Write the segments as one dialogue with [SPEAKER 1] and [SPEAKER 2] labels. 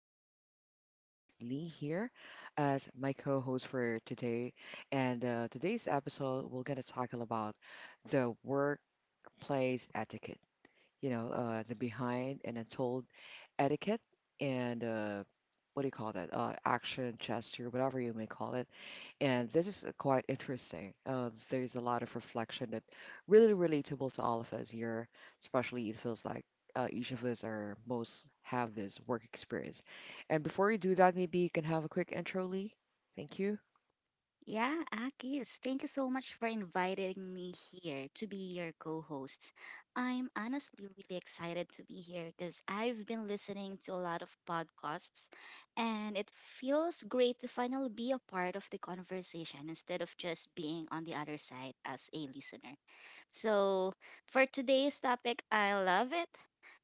[SPEAKER 1] My name is Akis and I've got Lee here as my co-host for today. And Today's episode, we're gonna talk about the workplace etiquette. The behind and untold etiquette and what do you call that? Action, gesture, whatever you may call it. And this is quite interesting. There's a lot of reflection that really relatable to all of us here, especially it feels like each of us are most have this work experience. And before you do that, maybe you can have a quick intro, Lee. Thank you.
[SPEAKER 2] Yeah, Akis, thank you so much for inviting me here to be your co host. I'm honestly really excited to be here because I've been listening to a lot of podcasts and it feels great to finally be a part of the conversation instead of just being on the other side as a listener. So for today's topic, I love it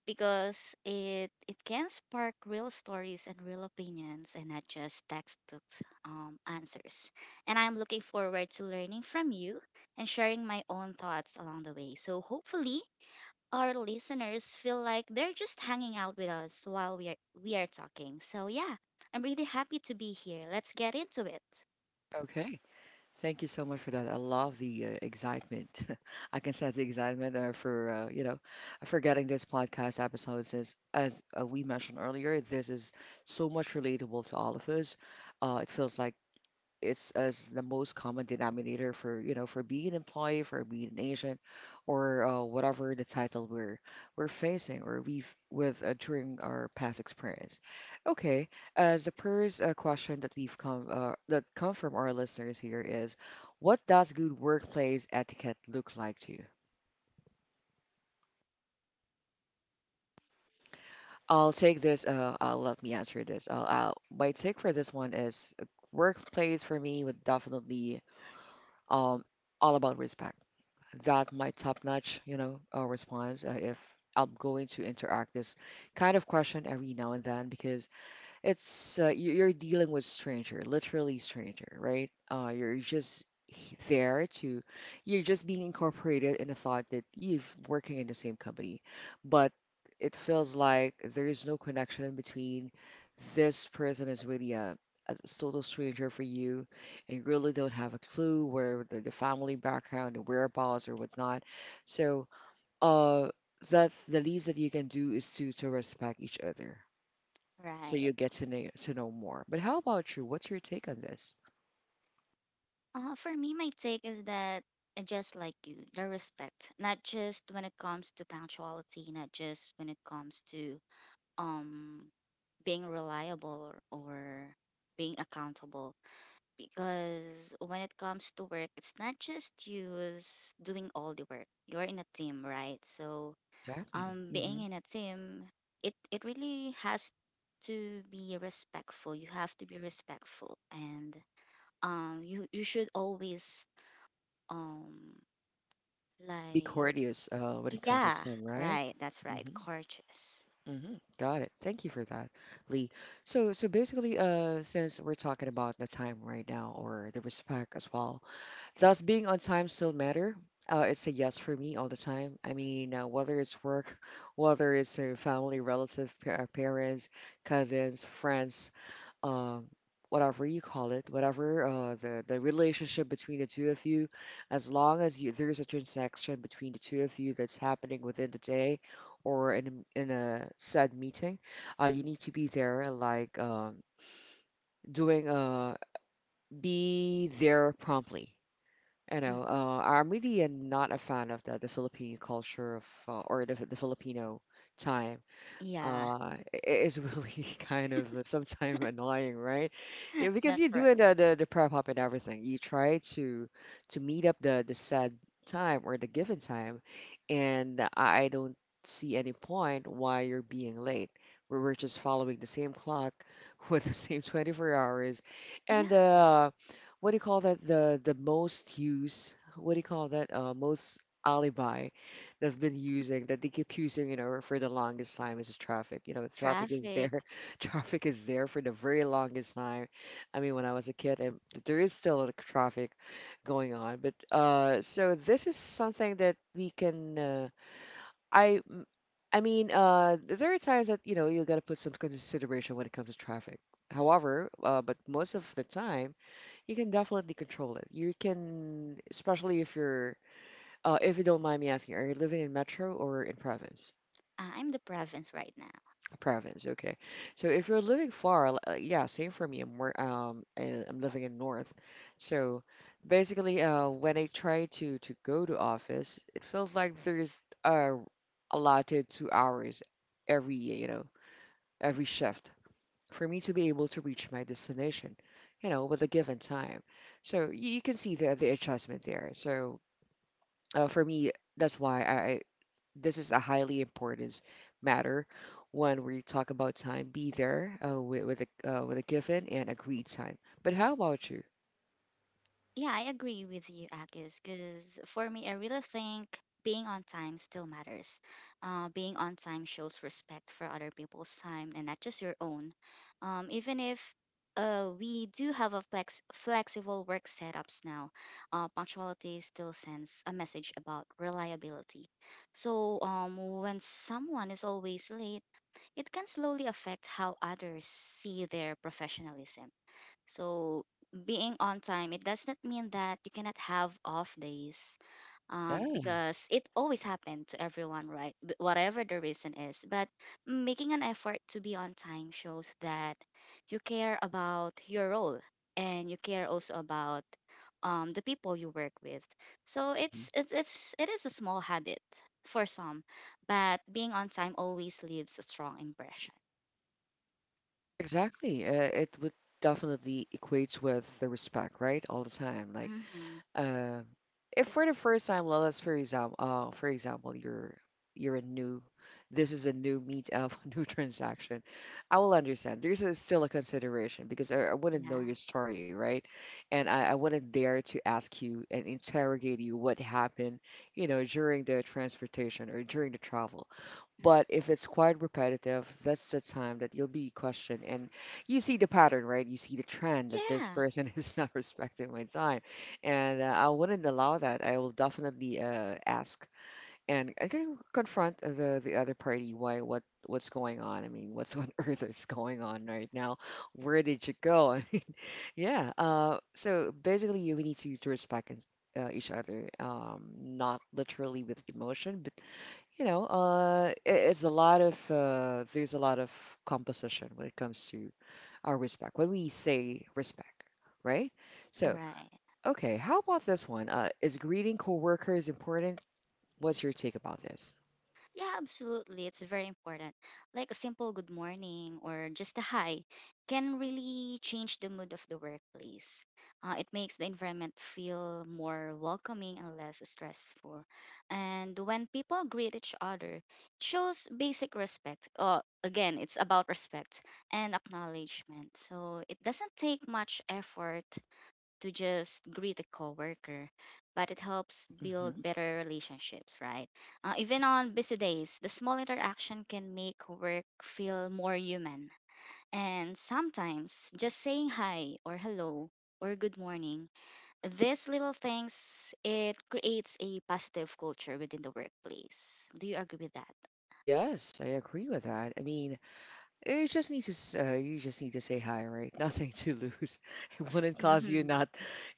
[SPEAKER 2] because it can spark real stories and real opinions and not just textbook answers. And I'm looking forward to learning from you and sharing my own thoughts along the way. So hopefully our listeners feel like they're just hanging out with us while we are talking. So yeah, I'm really happy to be here. Let's get into it.
[SPEAKER 1] Okay. Thank you so much for that. I love the excitement. I can sense the excitement for you know for getting this podcast episode. Since as we mentioned earlier, this is so much relatable to all of us. It feels like it's as the most common denominator for you know for being an employee, for being an agent, or whatever the title we're facing or we've with during our past experience. Okay, as the first question that we've come that come from our listeners here is, what does good workplace etiquette look like to you? I'll take this. Let me answer this. I'll, my take for this one is workplace for me would definitely um all about respect. That my top-notch, response if I'm going to interact this kind of question every now and then because it's you're dealing with stranger, literally stranger, right? You're just there to, you're just being incorporated in a thought that you're working in the same company, but it feels like there is no connection in between. This person is really a total stranger for you, and you really don't have a clue where the family background and whereabouts or whatnot. So, uh, that the least that you can do is to respect each other so
[SPEAKER 2] Right.
[SPEAKER 1] you get to know more. But how about you? What's your take on this?
[SPEAKER 2] For me, my take is that just like you, the respect, not just when it comes to punctuality, not just when it comes to um being reliable or being accountable. Because when it comes to work, it's not just you is doing all the work. You're in a team, right? So
[SPEAKER 1] Exactly. hmm
[SPEAKER 2] being in a team, it really has to be respectful. You have to be respectful and you should always um
[SPEAKER 1] Be
[SPEAKER 2] like
[SPEAKER 1] courteous when it comes to
[SPEAKER 2] yeah,
[SPEAKER 1] time, right?
[SPEAKER 2] right, that's right,
[SPEAKER 1] hmm
[SPEAKER 2] gorgeous.
[SPEAKER 1] hmm Got it. Thank you for that, Lee. So, so basically, since we're talking about the time right now or the respect as well, does being on time still matter? It's a yes for me all the time. I mean, whether it's work, whether it's a family, relative, parents, cousins, friends, um, whatever you call it, whatever the the relationship between the two of you, as long as you there's a transaction between the two of you that's happening within the day or in a said meeting, you need to be there, like doing be there promptly.
[SPEAKER 2] Hmm,
[SPEAKER 1] I'm really not a fan of the Filipino culture of or the Filipino time
[SPEAKER 2] yeah.
[SPEAKER 1] is really kind of sometimes annoying, right? Yeah, because
[SPEAKER 2] That's
[SPEAKER 1] you're
[SPEAKER 2] right.
[SPEAKER 1] doing the prep up and everything. You try to meet up the said time or the given time, and I don't see any point why you're being late. We're just following the same clock with the same 24 hours, and
[SPEAKER 2] Yeah.
[SPEAKER 1] what do you call that? The most use. What do you call that? Most alibi they've been using that they keep using, you know, for the longest time is traffic. You know, traffic is
[SPEAKER 2] Traffic.
[SPEAKER 1] there. Traffic is there for the very longest time. I mean, when I was a kid, and there is still like, traffic going on. But so this is something that we can. I m- I mean, there are times that you know you got to put some consideration when it comes to traffic. However, but most of the time, you can definitely control it. You can, especially if you're if you don't mind me asking, are you living in metro or in province?
[SPEAKER 2] I'm the province right now.
[SPEAKER 1] Province, okay. So if you're living far, yeah, same for me. I'm living in north. So basically, when I try to go to office, it feels like there's allotted 2 hours every you know every shift for me to be able to reach my destination, you know, with a given time. So you can see the adjustment there. So for me, that's why I this is a highly important matter when we talk about time. Be there with with a given and agreed time. But how about you?
[SPEAKER 2] Yeah, I agree with you, Akis, because for me, I really think being on time still matters. Being on time shows respect for other people's time and not just your own. Even if we do have a flexible work setups now, punctuality still sends a message about reliability. So when someone is always late, it can slowly affect how others see their professionalism. So being on time, it does not mean that you cannot have off days,
[SPEAKER 1] Yeah.
[SPEAKER 2] because it always happened to everyone, right? Whatever the reason is, but making an effort to be on time shows that you care about your role and you care also about the people you work with. So it's it is a small habit for some, but being on time always leaves a strong impression.
[SPEAKER 1] Exactly. It would definitely equates with the respect, right? All the time.
[SPEAKER 2] Mm-hmm.
[SPEAKER 1] Uh, if for the first time, well, let's for example, you're a new, this is a new meetup, new transaction. I will understand. There's still a consideration because I wouldn't know
[SPEAKER 2] Yeah.
[SPEAKER 1] your story, right? And I wouldn't dare to ask you and interrogate you what happened, you know, during the transportation or during the travel. But if it's quite repetitive, that's the time that you'll be questioned. And you see the pattern, right? You see the trend that this
[SPEAKER 2] Yeah.
[SPEAKER 1] person is not respecting my time. And I wouldn't allow that. I will definitely ask and I can confront the other party why, what, what's going on. I mean, what's on earth is going on right now? Where did you go? Yeah. So basically, we need to respect and each other, not literally with emotion, but you know, I it's a lot of there's a lot of composition when it comes to our respect. When we say respect, right? So,
[SPEAKER 2] Right.
[SPEAKER 1] okay, how about this one? Is greeting coworkers important? What's your take about this?
[SPEAKER 2] Yeah, absolutely. It's very important. Like a simple good morning or just a hi can really change the mood of the workplace. It makes the environment feel more welcoming and less stressful. And when people greet each other, it shows basic respect. Again, it's about respect and acknowledgement. So it doesn't take much effort to just greet a coworker, but it helps build
[SPEAKER 1] Hmm
[SPEAKER 2] better relationships, right?
[SPEAKER 1] Yeah.
[SPEAKER 2] Even on busy days, the small interaction can make work feel more human. And sometimes just saying hi or hello or good morning, these little things, it creates a positive culture within the workplace. Do you agree with that?
[SPEAKER 1] Yes, I agree with that. I mean, you just need to you just need to say hi, right? Nothing to lose. It wouldn't cost you
[SPEAKER 2] Hmm.
[SPEAKER 1] not,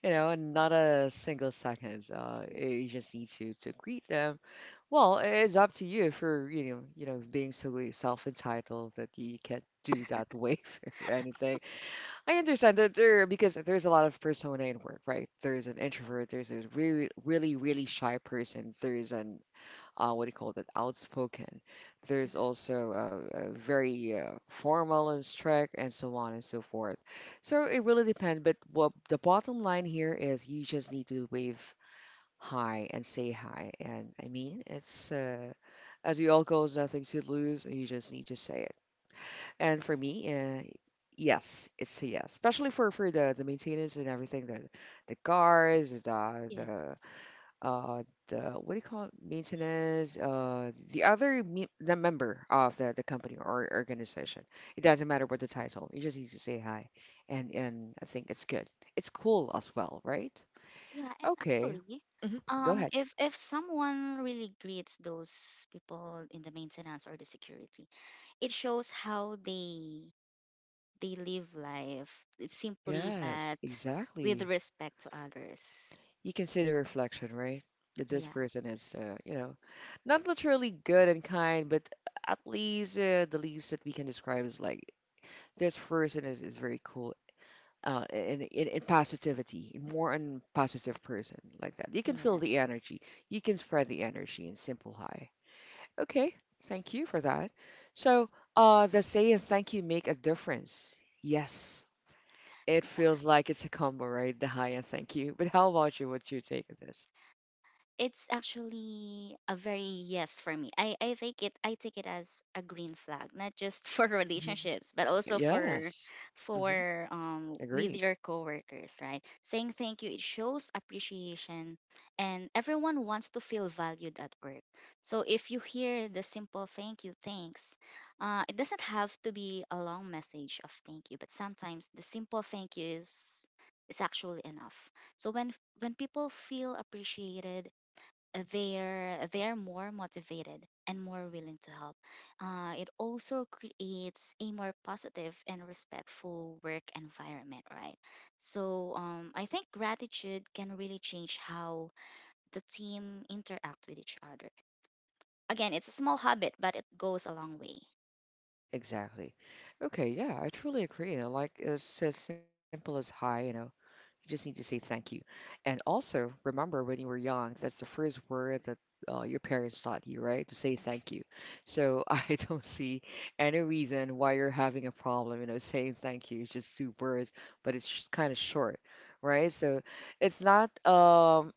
[SPEAKER 1] you know, not a single second. You just need to greet them. Well, it's up to you for you know being so self-entitled that you can't do that wave or anything. I understand that there because there's a lot of persona in work, right? There's an introvert, there's a really really shy person, there's an what do you call that, outspoken. There's also very formal and strict, and so on and so forth. So it really depends. But what the bottom line here is, you just need to wave hi and say hi. And I mean, it's as we all goes, nothing to lose. You just need to say it. And for me, yes, it's a yes, especially for the maintenance and everything, the cars, the the
[SPEAKER 2] Yes.
[SPEAKER 1] uh, the what do you call it? Maintenance, the other me the member of the company or organization. It doesn't matter what the title. You just need to say hi, and I think it's good. It's cool as well, right?
[SPEAKER 2] Yeah, and
[SPEAKER 1] Okay.
[SPEAKER 2] actually,
[SPEAKER 1] hmm Go ahead.
[SPEAKER 2] if someone really greets those people in the maintenance or the security, it shows how they live life. It's simply
[SPEAKER 1] Yes,
[SPEAKER 2] but with
[SPEAKER 1] exactly.
[SPEAKER 2] respect to others.
[SPEAKER 1] You can see the reflection, right? That this
[SPEAKER 2] Yeah.
[SPEAKER 1] person is, not literally good and kind, but at least the least that we can describe is like this person is very cool in positivity, more on positive person like that. You can feel the
[SPEAKER 2] Yes.
[SPEAKER 1] energy. You can spread the energy in simple high. Okay, thank you for that. So the say and thank you make a difference. Yes, it feels like it's a combo, right? The high and thank you. But how about you? What's your take on this?
[SPEAKER 2] It's actually a very yes for me. I take it. I take it as a green flag, not just for
[SPEAKER 1] Hmm
[SPEAKER 2] relationships, but also for
[SPEAKER 1] Yes. hmm
[SPEAKER 2] with
[SPEAKER 1] Agree.
[SPEAKER 2] your coworkers, right? Saying thank you, it shows appreciation and everyone wants to feel valued at work. So if you hear the simple thank you, thanks, it doesn't have to be a long message of thank you, but sometimes the simple thank you is actually enough. So when people feel appreciated, they're more motivated and more willing to help. It also creates a more positive and respectful work environment, right? So I think gratitude can really change how the team interact with each other. Again, it's a small habit, but it goes a long way.
[SPEAKER 1] Exactly. Okay, yeah, I truly agree. I like it's as simple as hi, you know. You just need to say thank you. And also, remember when you were young, that's the first word that your parents taught you, right? To say thank you. So I don't see any reason why you're having a problem, you know, saying thank you. It's just two words, but it's just kind of short, right? So it's not, um,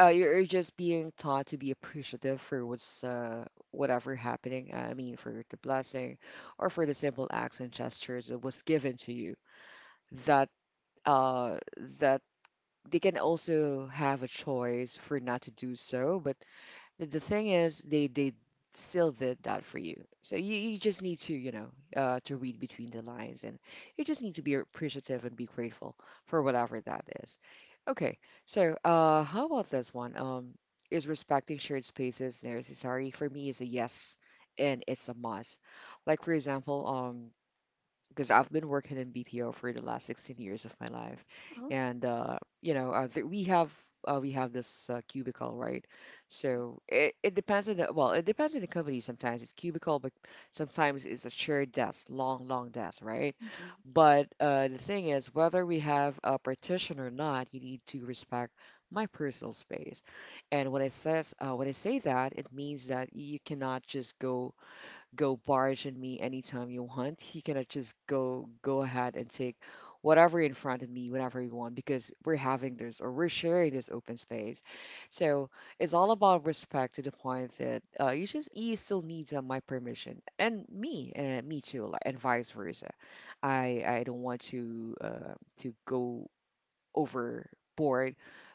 [SPEAKER 1] uh, you're just being taught to be appreciative for what's whatever happening. I mean, for the blessing or for the simple acts and gestures that was given to you. That uh, that they can also have a choice for not to do so, but the thing is they still did that for you. So you just need to to read between the lines, and you just need to be appreciative and be grateful for whatever that is. Okay, so how about this one? Is respecting shared spaces necessary? For me is a yes, and it's a must. Like for example, because I've been working in BPO for the last 16 years of my life,
[SPEAKER 2] Oh.
[SPEAKER 1] and you know, we have this cubicle, right? So it depends on the, well, it depends on the company. Sometimes it's cubicle, but sometimes it's a shared desk, long, long desk, right? But the thing is, whether we have a partition or not, you need to respect my personal space. And when it says when I say that, it means that you cannot just go barge in me anytime you want. He cannot just go ahead and take whatever in front of me whenever you want, because we're having this or we're sharing this open space. So it's all about respect, to the point that you just, you still need my permission, and me, and me too, like, and vice versa. I don't want to go overboard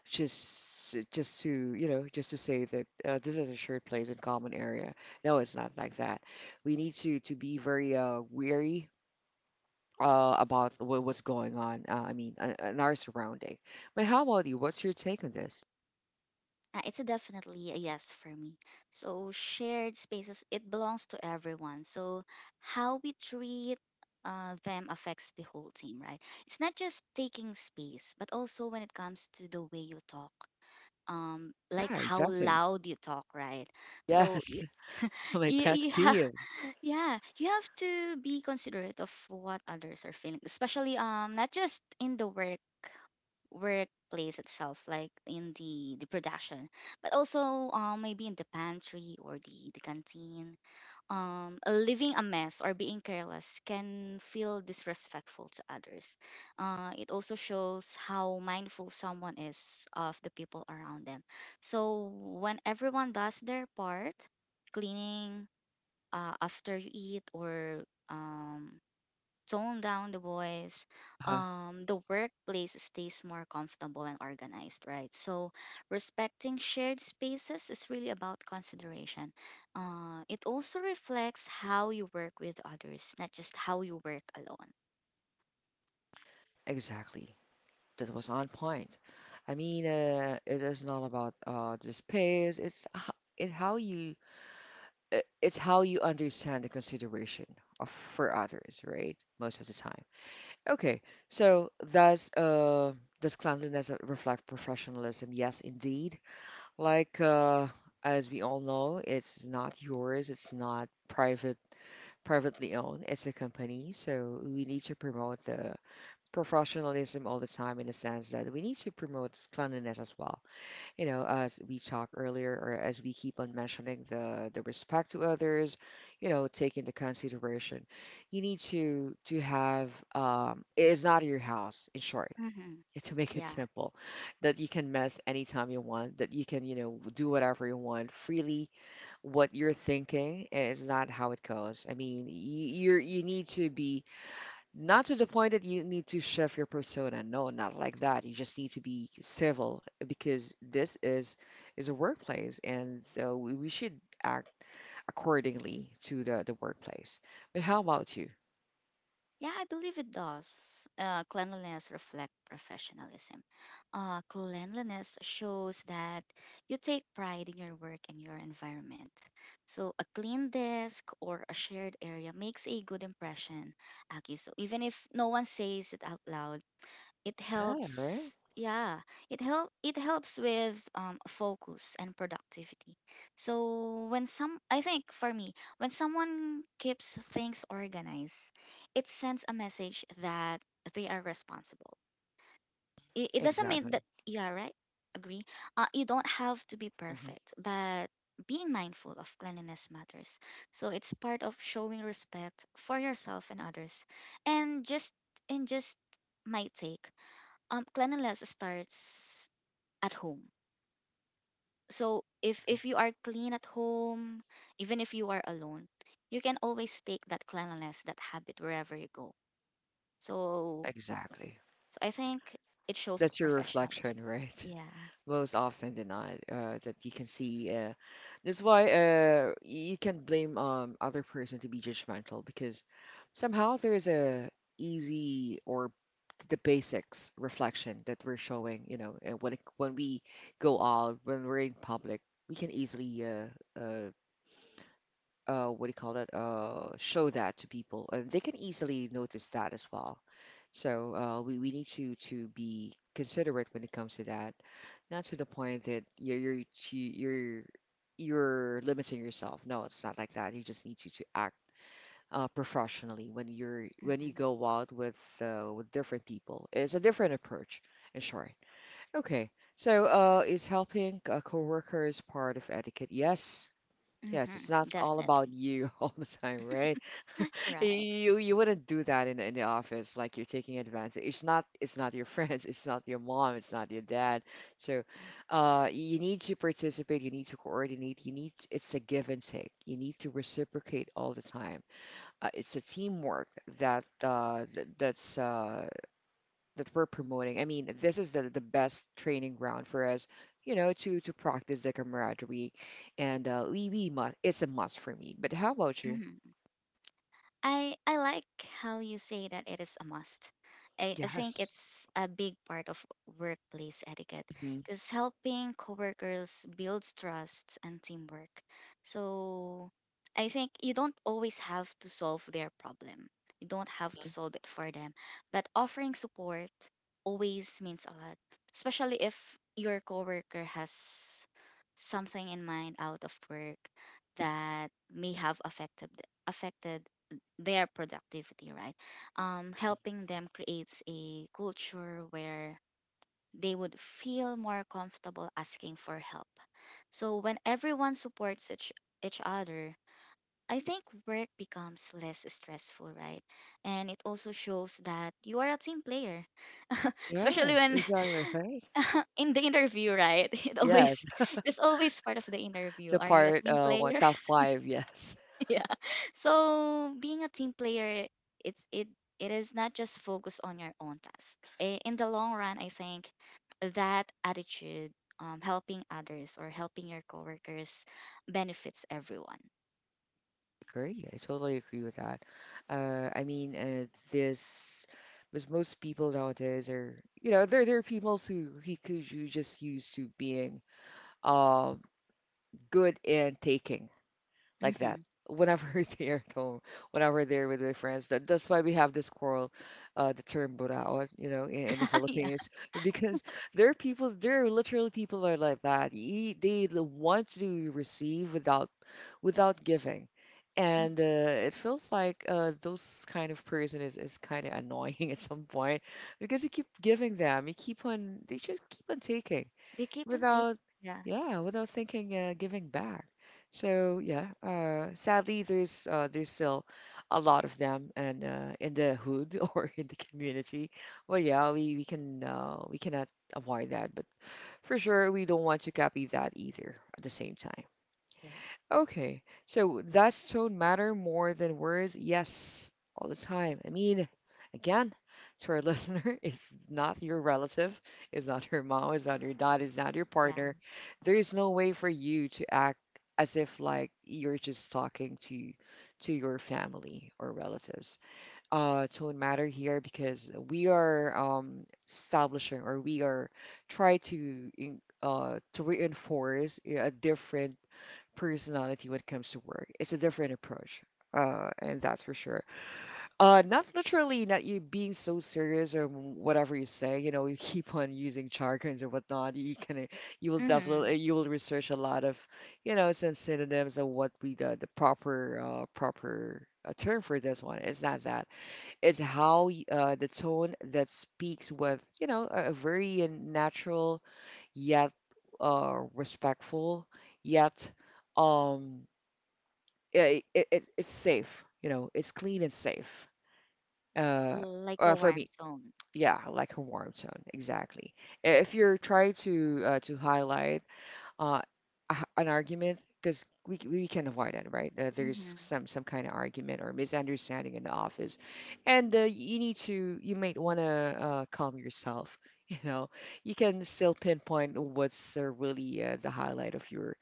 [SPEAKER 1] just to, you know, just to say that this is a shared place and common area. No, it's not like that. We need to be very wary about what, what's going on. I mean, in our surrounding. But how about you? What's your take on this?
[SPEAKER 2] It's a definitely a yes for me. So shared spaces, it belongs to everyone. So how we treat them affects the whole team, right? It's not just taking space, but also when it comes to the way you talk, like
[SPEAKER 1] Yeah,
[SPEAKER 2] how
[SPEAKER 1] exactly.
[SPEAKER 2] loud you talk, right? So
[SPEAKER 1] Yes. My pet
[SPEAKER 2] you have,
[SPEAKER 1] peeve.
[SPEAKER 2] yeah, you have to be considerate of what others are feeling, especially not just in the workplace itself, like in the production, but also maybe in the pantry or the canteen. Leaving a mess or being careless can feel disrespectful to others. It also shows how mindful someone is of the people around them. So when everyone does their part, cleaning after you eat or um tone down the voice,
[SPEAKER 1] uh,
[SPEAKER 2] the workplace stays more comfortable and organized, right? So, respecting shared spaces is really about consideration. It also reflects how you work with others, not just how you work alone.
[SPEAKER 1] exactly, that was on point. I mean, it is not about the space. In how you, it's how you understand the consideration of for others, right? Most of the time. Okay, so does cleanliness reflect professionalism? Yes, indeed. Like as we all know, it's not yours. It's not privately owned. It's a company, so we need to promote the professionalism all the time, in the sense that we need to promote cleanliness as well. You know, as we talked earlier, or as we keep on mentioning the respect to others, you know, take into consideration. You need to have it's not your house, in short,
[SPEAKER 2] Hmm.
[SPEAKER 1] to make it
[SPEAKER 2] Yeah.
[SPEAKER 1] simple, that you can mess anytime you want, that you can, you know, do whatever you want freely. What you're thinking is not how it goes. I mean, you need to be, not to the point that you need to shift your persona. No, not like that. You just need to be civil because this is a workplace, and so we should act accordingly to the workplace. But how about you?
[SPEAKER 2] Yeah, I believe it does. Cleanliness reflect professionalism. Cleanliness shows that you take pride in your work and your environment. So a clean desk or a shared area makes a good impression, Aki. So even if no one says it out loud, it
[SPEAKER 1] Ah, right.
[SPEAKER 2] helps, yeah, it helps with focus and productivity. So I think for me, when someone keeps things organized, it sends a message that they are responsible. It doesn't mean
[SPEAKER 1] Exactly.
[SPEAKER 2] that, yeah, right? Agree. You don't have to be
[SPEAKER 1] Hmm.
[SPEAKER 2] perfect, but being mindful of cleanliness matters. So it's part of showing respect for yourself and others. And just and just my take, cleanliness starts at home. So if you are clean at home, even if you are alone, you can always take that cleanliness, that habit, wherever you go. So
[SPEAKER 1] Exactly.
[SPEAKER 2] so I think it shows
[SPEAKER 1] That's your
[SPEAKER 2] professionalism.
[SPEAKER 1] reflection, right?
[SPEAKER 2] Yeah.
[SPEAKER 1] Most often than not, that you can see. That's why you can blame other person to be judgmental, because somehow there is a easy, or the basics reflection that we're showing, you know. And when it, when we go out, when we're in public, we can easily what do you call that? Show that to people, and they can easily notice that as well. So we need to be considerate when it comes to that, not to the point that you're, you're limiting yourself. No, it's not like that. You just need to act professionally when you're when you
[SPEAKER 2] Mm-hmm.
[SPEAKER 1] go out with different people. It's a different approach. In short, okay. So, is helping a coworker is part of etiquette? Yes. Yes,
[SPEAKER 2] Mm-hmm.
[SPEAKER 1] it's not all about
[SPEAKER 2] Definitely.
[SPEAKER 1] you all the time, right?
[SPEAKER 2] Right.
[SPEAKER 1] You wouldn't do that in the office, like you're taking advantage. It's not your friends, it's not your mom, it's not your dad. So, you need to participate, you need to coordinate, you need, it's a give and take. You need to reciprocate all the time. It's a teamwork that th that's that we're promoting. I mean, this is the best training ground for us, you know, to practice the camaraderie. And we must. It's a must for me. But how about you?
[SPEAKER 2] Mhm. I like how you say that it is a must. I think
[SPEAKER 1] Yes.
[SPEAKER 2] it's a big part of workplace etiquette
[SPEAKER 1] Hmm.
[SPEAKER 2] because helping coworkers builds trust and teamwork. So I think you don't always have to solve their problem. You don't have to solve it for them, but offering support always means a lot, especially if your coworker has something in mind out of work that may have affected their productivity, right? Helping them creates a culture where they would feel more comfortable asking for help. So when everyone each other, I think work becomes less stressful, right? And it also shows that you are a team player, especially
[SPEAKER 1] Yes,
[SPEAKER 2] when
[SPEAKER 1] exactly, right.
[SPEAKER 2] in the interview, right?
[SPEAKER 1] Yes,
[SPEAKER 2] It's always part of the interview.
[SPEAKER 1] the
[SPEAKER 2] Are you a
[SPEAKER 1] part
[SPEAKER 2] team
[SPEAKER 1] what,
[SPEAKER 2] player?
[SPEAKER 1] top five. Yes,
[SPEAKER 2] Yeah. So being a team player, it it is not just focus on your own task. In the long run, I think that attitude, helping others or helping your coworkers, benefits everyone.
[SPEAKER 1] agree. I totally agree with that. I mean, this, because most people nowadays are, you know, there are people who he could you just used to being uh good in taking, like that,
[SPEAKER 2] Hmm.
[SPEAKER 1] whenever they're at home, whenever they're with my friends. That, that's why we have this quarrel, the term "burao," you know, in the
[SPEAKER 2] Yeah,
[SPEAKER 1] Philippines, because there are people, there are literally people that are like that. They want to receive without, without giving. And it feels like those kind of person is kind of annoying at some point, because you keep giving them, you keep on, they just keep on taking
[SPEAKER 2] they keep on saying,
[SPEAKER 1] without,
[SPEAKER 2] yeah,
[SPEAKER 1] yeah, without thinking giving back. So yeah, sadly there's there's still a lot of them, and in the hood or in the community. Well, yeah, we can we cannot avoid that, but for sure we don't want to copy that either at the same time.
[SPEAKER 2] yeah,
[SPEAKER 1] Okay. So does tone matter more than words? Yes, all the time. I mean, again, to our listener, it's not your relative, it's not your mom, it's not your dad, it's not your partner.
[SPEAKER 2] yeah.
[SPEAKER 1] There is no way for you to act as if like you're just talking to your family or relatives. Tone matter here, because we are establishing, or we are try to in- to reinforce a different personality when it comes to work. It's a different approach, and that's for sure. Not literally, not you being so serious or whatever you say. You know, you keep on using jargons or whatnot. You can, you will
[SPEAKER 2] Hmm.
[SPEAKER 1] definitely, you will research a lot of, you know, some synonyms of what we, the proper proper. Term for this one. It's not that. It's the tone that speaks with, you know, a very natural yet respectful yet um yeah, it's safe, you know, it's clean and safe. Uh,
[SPEAKER 2] Like a
[SPEAKER 1] for
[SPEAKER 2] warm
[SPEAKER 1] me,
[SPEAKER 2] tone.
[SPEAKER 1] yeah, I like a warm tone, exactly. If you're trying to highlight uh, an argument, because we can avoid it, right? There's
[SPEAKER 2] Hmm.
[SPEAKER 1] some kind of argument or misunderstanding in the office, and you need to, you might want to calm yourself. You know, you can still pinpoint what's really the highlight of your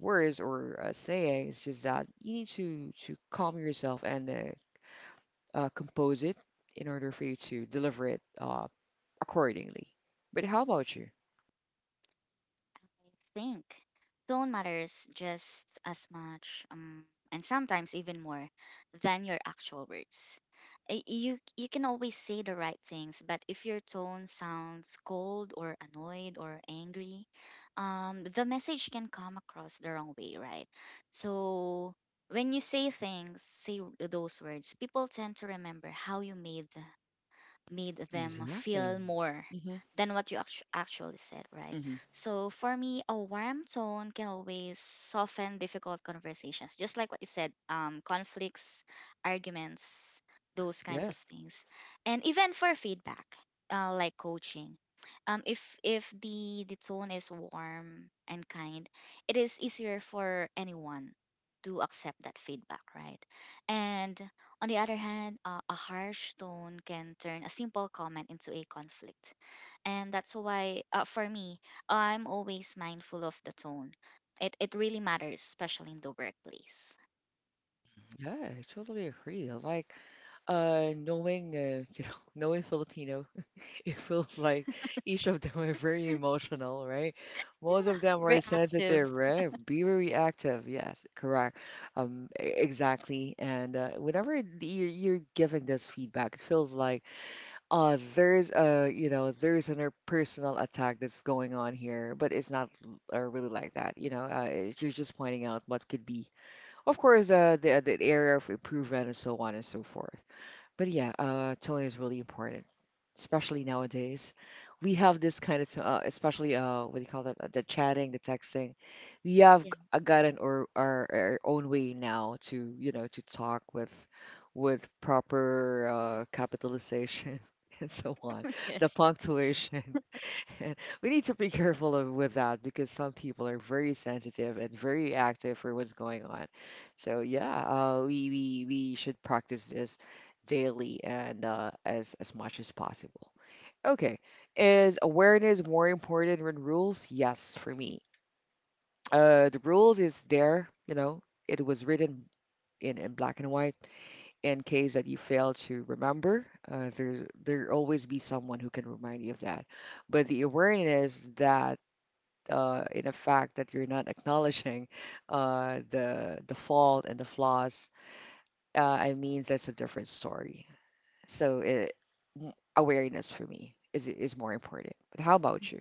[SPEAKER 1] words or sayings, just that you need to calm yourself and compose it in order for you to deliver it accordingly. But how about you?
[SPEAKER 2] I think tone matters just as much, and sometimes even more than your actual words. You you can always say the right things, but if your tone sounds cold or annoyed or angry, the message can come across the wrong way, right? So when you say things, say those words, people tend to remember how you made them
[SPEAKER 1] Exactly.
[SPEAKER 2] feel more
[SPEAKER 1] Hmm.
[SPEAKER 2] than what you actually said, right?
[SPEAKER 1] Hmm.
[SPEAKER 2] So for me, a warm tone can always soften difficult conversations, just like what you said, conflicts, arguments, those kinds
[SPEAKER 1] Yeah,
[SPEAKER 2] of things, and even for feedback, like coaching. If the tone is warm and kind, it is easier for anyone to accept that feedback, right? And on the other hand, a harsh tone can turn a simple comment into a conflict. And that's why, for me, I'm always mindful of the tone. It really matters, especially in the workplace.
[SPEAKER 1] yeah, I totally agree. Like knowing you know, knowing Filipino. It feels like each of them are very emotional, right? Most
[SPEAKER 2] Yeah,
[SPEAKER 1] of them are sensitive,
[SPEAKER 2] reactive.
[SPEAKER 1] right? Be very active. Yes, correct. Exactly. And whenever you're giving this feedback, it feels like there's a, you know, there's an personal attack that's going on here, but it's not really like that. You know, you're just pointing out what could be, of course, the area of improvement, and so on and so forth. But yeah, tone is really important, especially nowadays. We have this kind of, especially what do you call that? The chatting, the texting. We have
[SPEAKER 2] Yeah.
[SPEAKER 1] gotten our own way now to, you know, to talk with proper capitalization and so on. The
[SPEAKER 2] Yes.
[SPEAKER 1] punctuation. And we need to be careful of, with that, because some people are very sensitive and very active for what's going on. So yeah, we should practice this daily and as much as possible. Okay. Is awareness more important than rules? Yes, for me. The rules is there, you know, it was written in black and white in case that you fail to remember. There, there always be someone who can remind you of that. But the awareness that in a fact that you're not acknowledging the fault and the flaws, I mean that's a different story. So it, awareness for me is more important. But how about you?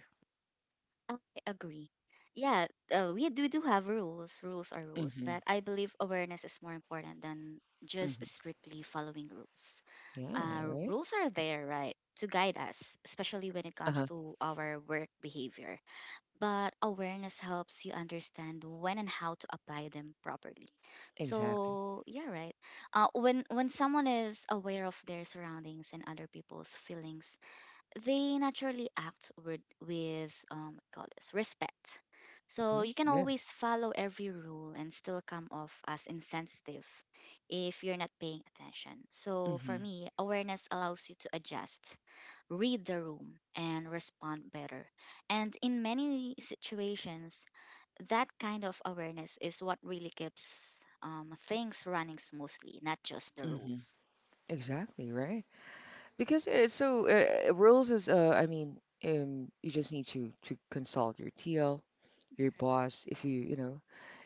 [SPEAKER 2] I agree. Yeah, we do have rules. Rules are rules, but I believe awareness is more important than
[SPEAKER 1] Mm-hmm.
[SPEAKER 2] just strictly following rules.
[SPEAKER 1] Yeah, right.
[SPEAKER 2] Rules are there, right, to guide us, especially when it comes
[SPEAKER 1] Uh-huh.
[SPEAKER 2] to our work behavior. But awareness helps you understand when and how to apply them properly.
[SPEAKER 1] Exactly.
[SPEAKER 2] So yeah, right. When someone is aware of their surroundings and other people's feelings, they naturally act with call this respect. So
[SPEAKER 1] Hmm.
[SPEAKER 2] you can
[SPEAKER 1] Yeah.
[SPEAKER 2] always follow every rule and still come off as insensitive if you're not paying attention. So for
[SPEAKER 1] Hmm.
[SPEAKER 2] me, awareness allows you to adjust, read the room, and respond better. And in many situations, that kind of awareness is what really keeps things running smoothly, not just the
[SPEAKER 1] Hmm.
[SPEAKER 2] rules.
[SPEAKER 1] Exactly, right? Because it's so rules is I mean, you just need to consult your TL,
[SPEAKER 2] Mhm.
[SPEAKER 1] your boss if you, you know,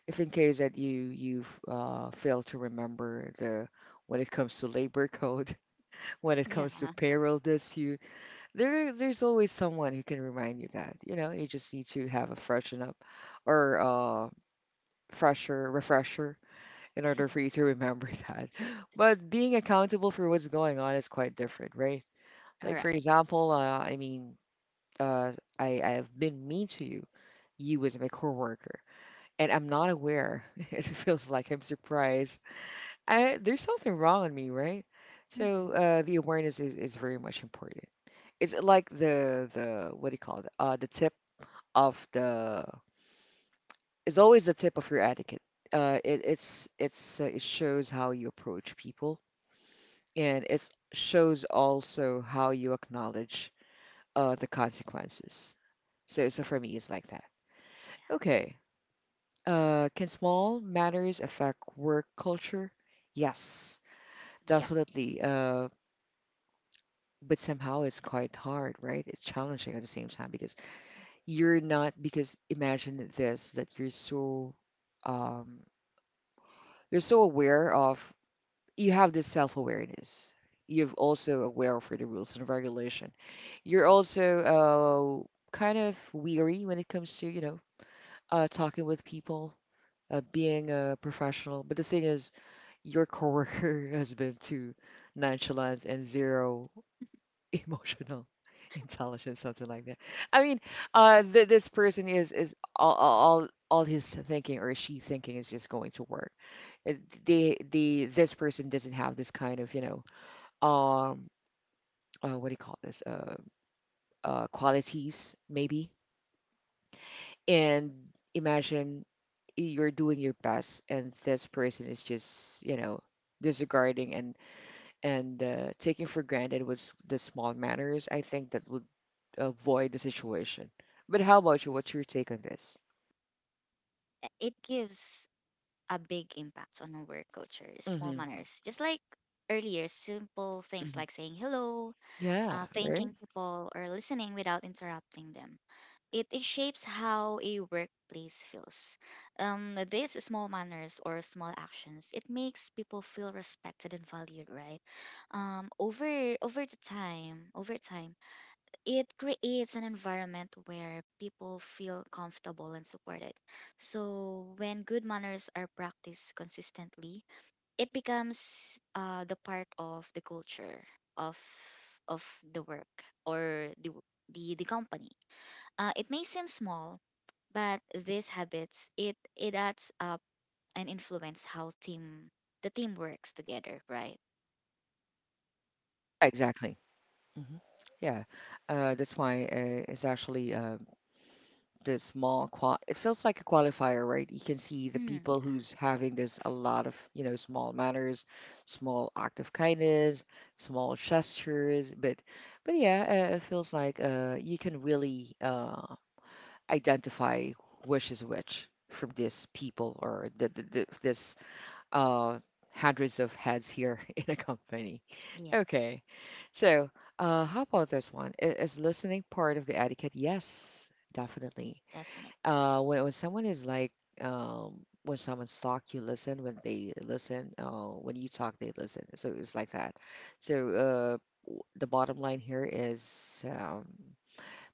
[SPEAKER 1] if in case that you've fail to remember the when it comes to labor code, when it comes to
[SPEAKER 2] Yeah.
[SPEAKER 1] payroll dispute, there's always someone who can remind you that. You know, you just need to have a freshen up or fresher refresher in order for you to remember that. But being accountable for what's going on is quite different, right?
[SPEAKER 2] All
[SPEAKER 1] Like for
[SPEAKER 2] right.
[SPEAKER 1] example, I mean, uh, I have been mean to you. You as my coworker, and I'm not aware. It feels like I'm surprised. There's something wrong in me, right? So
[SPEAKER 2] Mm-hmm.
[SPEAKER 1] the awareness is very much important. It's like the what do you call it? The tip of the is always the tip of your etiquette. It's it shows how you approach people, and it shows also how you acknowledge the consequences. So for me, it's like that. Okay. Can small matters affect work culture? Yes,
[SPEAKER 2] Yeah.
[SPEAKER 1] definitely. But somehow it's quite hard, right? It's challenging at the same time because you're not, because imagine this, that um, you're so aware of, you have this self-awareness, you've also aware for the rules and regulation, you're also kind of weary when it comes to, you know, talking with people, being a professional. But the thing is your coworker has been too nonchalant and zero emotional intelligence, something like that. i mean this person is all his thinking or she thinking is just going to work. Uh, they this person doesn't have this kind of, you know, um what do you call this, uh, qualities maybe. And imagine you're doing your best and this person is just, you know, disregarding, and and taking for granted what's the small matters. I think that would avoid the situation. But how about you? What's your take on this?
[SPEAKER 2] It gives a big impact on our work culture. Small
[SPEAKER 1] Hmm.
[SPEAKER 2] manners, just like earlier, simple things
[SPEAKER 1] Hmm.
[SPEAKER 2] like saying hello,
[SPEAKER 1] Yeah, right.
[SPEAKER 2] thanking people, or listening without interrupting them. It shapes how a workplace feels. These small manners or small actions, it makes people feel respected and valued, right? Over time, it creates an environment where people feel comfortable and supported. So, when good manners are practiced consistently, it becomes the part of the culture of of the work, or the the company. It may seem small, but these habits, it adds up and influence how team the team works together, right?
[SPEAKER 1] Exactly. Hmm. Yeah, that's why it's actually the small qual, it feels like a qualifier, right? You can see the
[SPEAKER 2] Mm,
[SPEAKER 1] people
[SPEAKER 2] yeah.
[SPEAKER 1] who's having this a lot of, you know, small manners, small act of kindness, small gestures, but yeah, it feels like you can really identify which is which from these people, or the this uh hundreds of heads here in a company.
[SPEAKER 2] Yes.
[SPEAKER 1] Okay. So, how about this one? I- Is listening part of the etiquette? Yes, definitely.
[SPEAKER 2] Definitely.
[SPEAKER 1] When someone is like, when someone's talk, you listen. When they listen, when you talk, they listen. So it's like that. So the bottom line here is,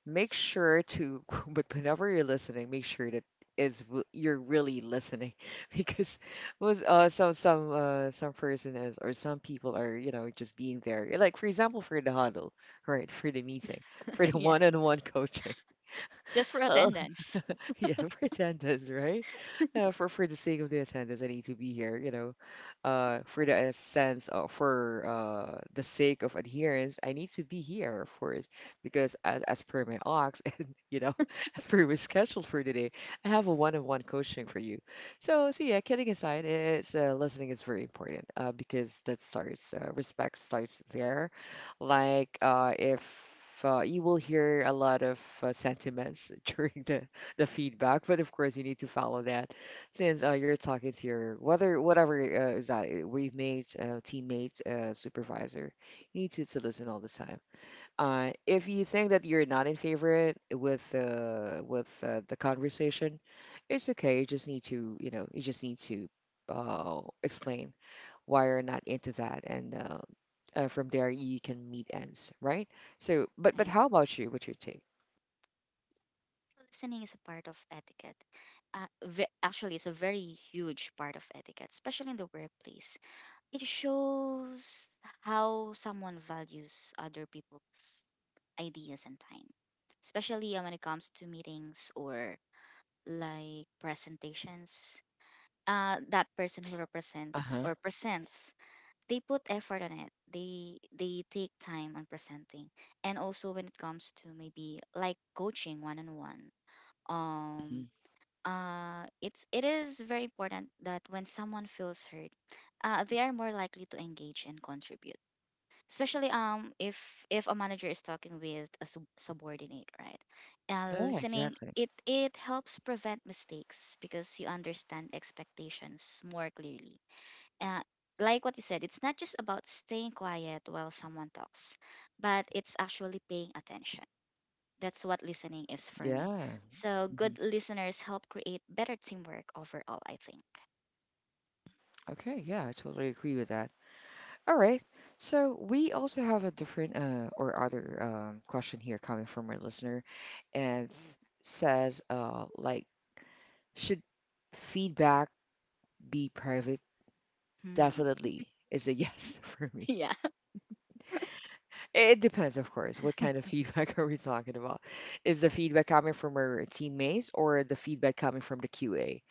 [SPEAKER 1] make sure to, but whenever you're listening, make sure that you're really listening because was some person is, or some people are, you know, just being there, like for example, for the huddle, right, for the meeting, for the
[SPEAKER 2] Yeah.
[SPEAKER 1] one-on-one coaching.
[SPEAKER 2] Just for attendance.
[SPEAKER 1] Yeah, for attendance, right? For the sake of the attendance, I need to be here, you know. For the sense of for the sake of adherence, I need to be here, of course, because as per my ox and you know, as per my schedule for today, I have a one-on-one coaching for you. So yeah, kidding aside, it's listening is very important because that starts respect starts there. Like if you will hear a lot of sentiments during the feedback, but of course you need to follow that since you're talking to your whether whatever is that roommate, teammate, supervisor, you need to listen all the time. If you think that you're not in favor with the conversation, it's okay. You just need to, you know, you just need to explain why you're not into that. And from there you can meet ends, right? So, but how about you? What's your take?
[SPEAKER 2] Listening is a part of etiquette. Actually, it's a very huge part of etiquette, especially in the workplace. It shows how someone values other people's ideas and time, especially when it comes to meetings or like presentations. That person who represents
[SPEAKER 1] Uh-huh.
[SPEAKER 2] or presents, they put effort on it. They take time on presenting, and also when it comes to maybe like coaching one on one,
[SPEAKER 1] Mhm.
[SPEAKER 2] um it's it is very important that when someone feels hurt, they are more likely to engage and contribute. Especially if a manager is talking with a subordinate, right?
[SPEAKER 1] Yeah,
[SPEAKER 2] Listening,
[SPEAKER 1] exactly.
[SPEAKER 2] it helps prevent mistakes because you understand expectations more clearly. Uh, like what you said, it's not just about staying quiet while someone talks, but it's actually paying attention. That's what listening is for me.
[SPEAKER 1] Yeah.
[SPEAKER 2] So
[SPEAKER 1] Mhm.
[SPEAKER 2] good listeners help create better teamwork overall, I think.
[SPEAKER 1] Okay, yeah, I totally agree with that. All right. So we also have a different or other, question here coming from our listener, and says like, should feedback be private?
[SPEAKER 2] Hmm.
[SPEAKER 1] Definitely is a yes for me.
[SPEAKER 2] Yeah.
[SPEAKER 1] It depends, of course. What kind of feedback are we talking about? Is the feedback coming from our teammates, or the feedback coming from the QA,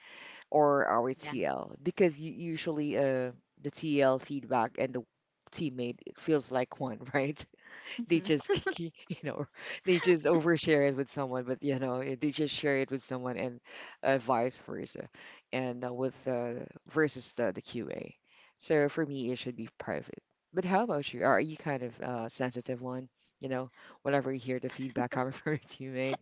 [SPEAKER 1] or our
[SPEAKER 2] Yeah.
[SPEAKER 1] TL? Because you, usually the TL feedback and the teammate, it feels like one, right? They
[SPEAKER 2] Mhm.
[SPEAKER 1] just you know, they just overshare it with someone, but you know, they just share it with someone, and vice versa, and with versus the QA. So for me, it should be private. But how about you? Are you kind of sensitive one? You know, whenever you hear the feedback coming from your teammate.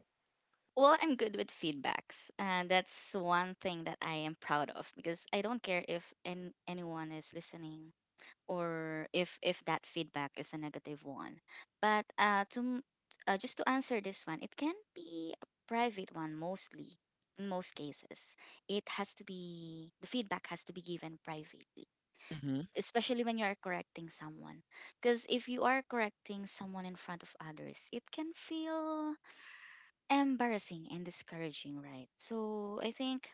[SPEAKER 2] Well, I'm good with feedbacks. And that's one thing that I am proud of because I don't care if an anyone is listening or if that feedback is a negative one. But just to answer this one, it can be a private one, mostly in most cases. It has to be The feedback has to be given privately,
[SPEAKER 1] Hmm.
[SPEAKER 2] especially when you are correcting someone. Because if you are correcting someone in front of others, it can feel embarrassing and discouraging, right? So I think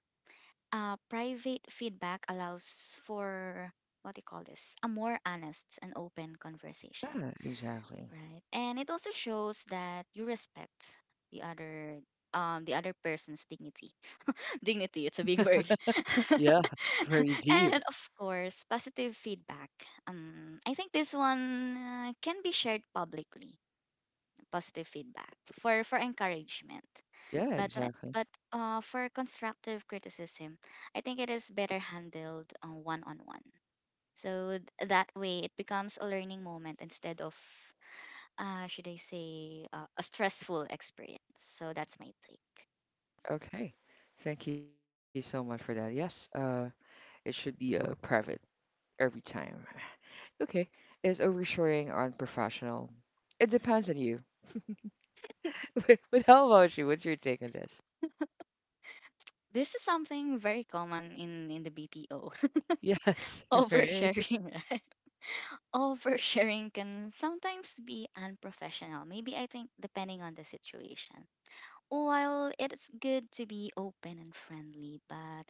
[SPEAKER 2] private feedback allows for, what do you call this, a more honest and open conversation,
[SPEAKER 1] Yeah, exactly.
[SPEAKER 2] right? And it also shows that you respect the other the other person's dignity. Dignity. It's a big word.
[SPEAKER 1] Yeah, very deep.
[SPEAKER 2] And of course, positive feedback. I think this one can be shared publicly. Positive feedback for encouragement,
[SPEAKER 1] Yeah,
[SPEAKER 2] but
[SPEAKER 1] exactly.
[SPEAKER 2] for constructive criticism, I think it is better handled one on one. So that way, it becomes a learning moment instead of, should I say, a stressful experience. So that's my take.
[SPEAKER 1] Okay. Thank you so much for that. Yes, it should be private every time. Okay. Is oversharing unprofessional? It depends on you. But how about you? What's your take on this?
[SPEAKER 2] This is something very common in the BPO.
[SPEAKER 1] Yes, right.
[SPEAKER 2] Oversharing, right? Oversharing can sometimes be unprofessional, maybe, I think, depending on the situation. While it's good to be open and friendly, but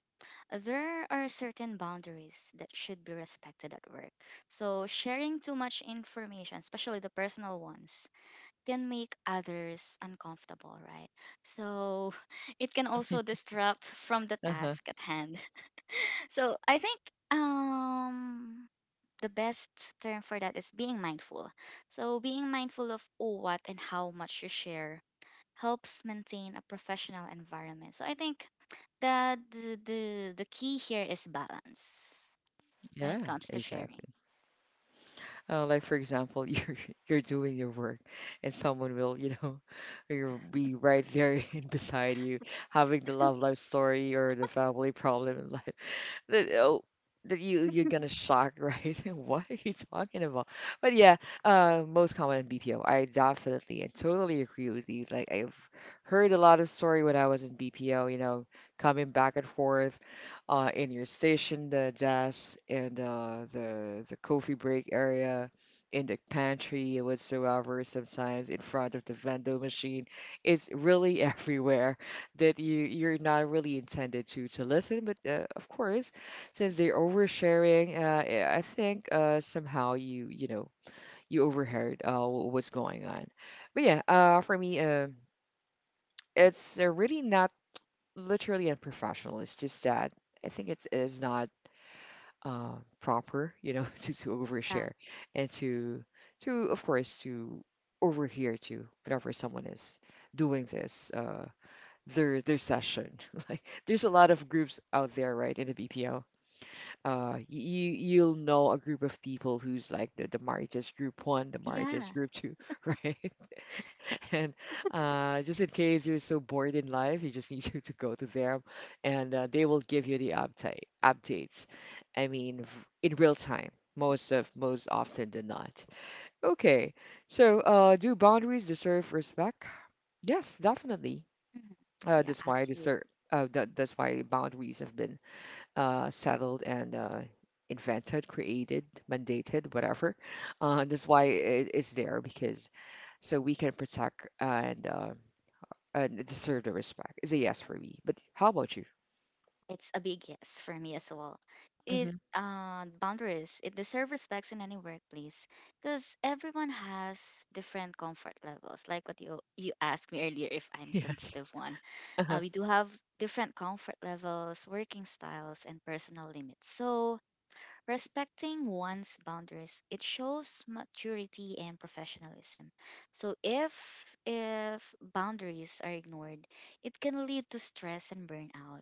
[SPEAKER 2] there are certain boundaries that should be respected at work. So, sharing too much information, especially the personal ones, can make others uncomfortable, right? So, it can also distract from the
[SPEAKER 1] Uh-huh.
[SPEAKER 2] task at hand. So, I think um the best term for that is being mindful. So, being mindful of what and how much you share helps maintain a professional environment. So, I think the key here is balance when it
[SPEAKER 1] Yeah,
[SPEAKER 2] comes to sharing.
[SPEAKER 1] exactly. Like for example, you're doing your work, and someone will, you know, you'll be right there and beside you, having the love life story or the family problem in life. That oh, that you're gonna shock, right? What are you talking about? But yeah, uh, most common in BPO. I definitely and totally agree with you. Like I've heard a lot of story when I was in BPO, you know, coming back and forth, uh, in your station, the desk, and uh, the coffee break area, in the pantry, and whatsoever, sometimes in front of the vendor machine. It's really everywhere, that you're not really intended to listen. But of course, since they're oversharing, I think somehow you, you know, you overheard what's going on. But yeah, for me, it's really not literally unprofessional. It's just that I think it's is not uh, proper, you know, to
[SPEAKER 2] Yeah.
[SPEAKER 1] overshare, and to of course to overhear to whatever someone is doing this their session. Like, there's a lot of groups out there, right, in the BPO, you you'll know a group of people who's like the Marites group one, the Marites
[SPEAKER 2] Yeah.
[SPEAKER 1] group two, right? And just in case you're so bored in life, you just need to go to them, and they will give you the updates. I mean, in real time, most of most often than not. Okay, so do boundaries deserve respect? Yes, definitely.
[SPEAKER 2] Mhm. Yeah,
[SPEAKER 1] That's why deserve.
[SPEAKER 2] absolutely.
[SPEAKER 1] That's why boundaries have been settled, and invented, created, mandated, whatever. That's why it's there, because so we can protect, and and deserve the respect. It's a yes for me. But how about you?
[SPEAKER 2] It's a big yes for me as well. It
[SPEAKER 1] Hmm.
[SPEAKER 2] boundaries. It deserves respects in any workplace because everyone has different comfort levels. Like what you asked me earlier, if I'm
[SPEAKER 1] Yes.
[SPEAKER 2] sensitive one,
[SPEAKER 1] Uh-huh.
[SPEAKER 2] we do have different comfort levels, working styles, and personal limits. So respecting one's boundaries, it shows maturity and professionalism. So if boundaries are ignored, it can lead to stress and burnout,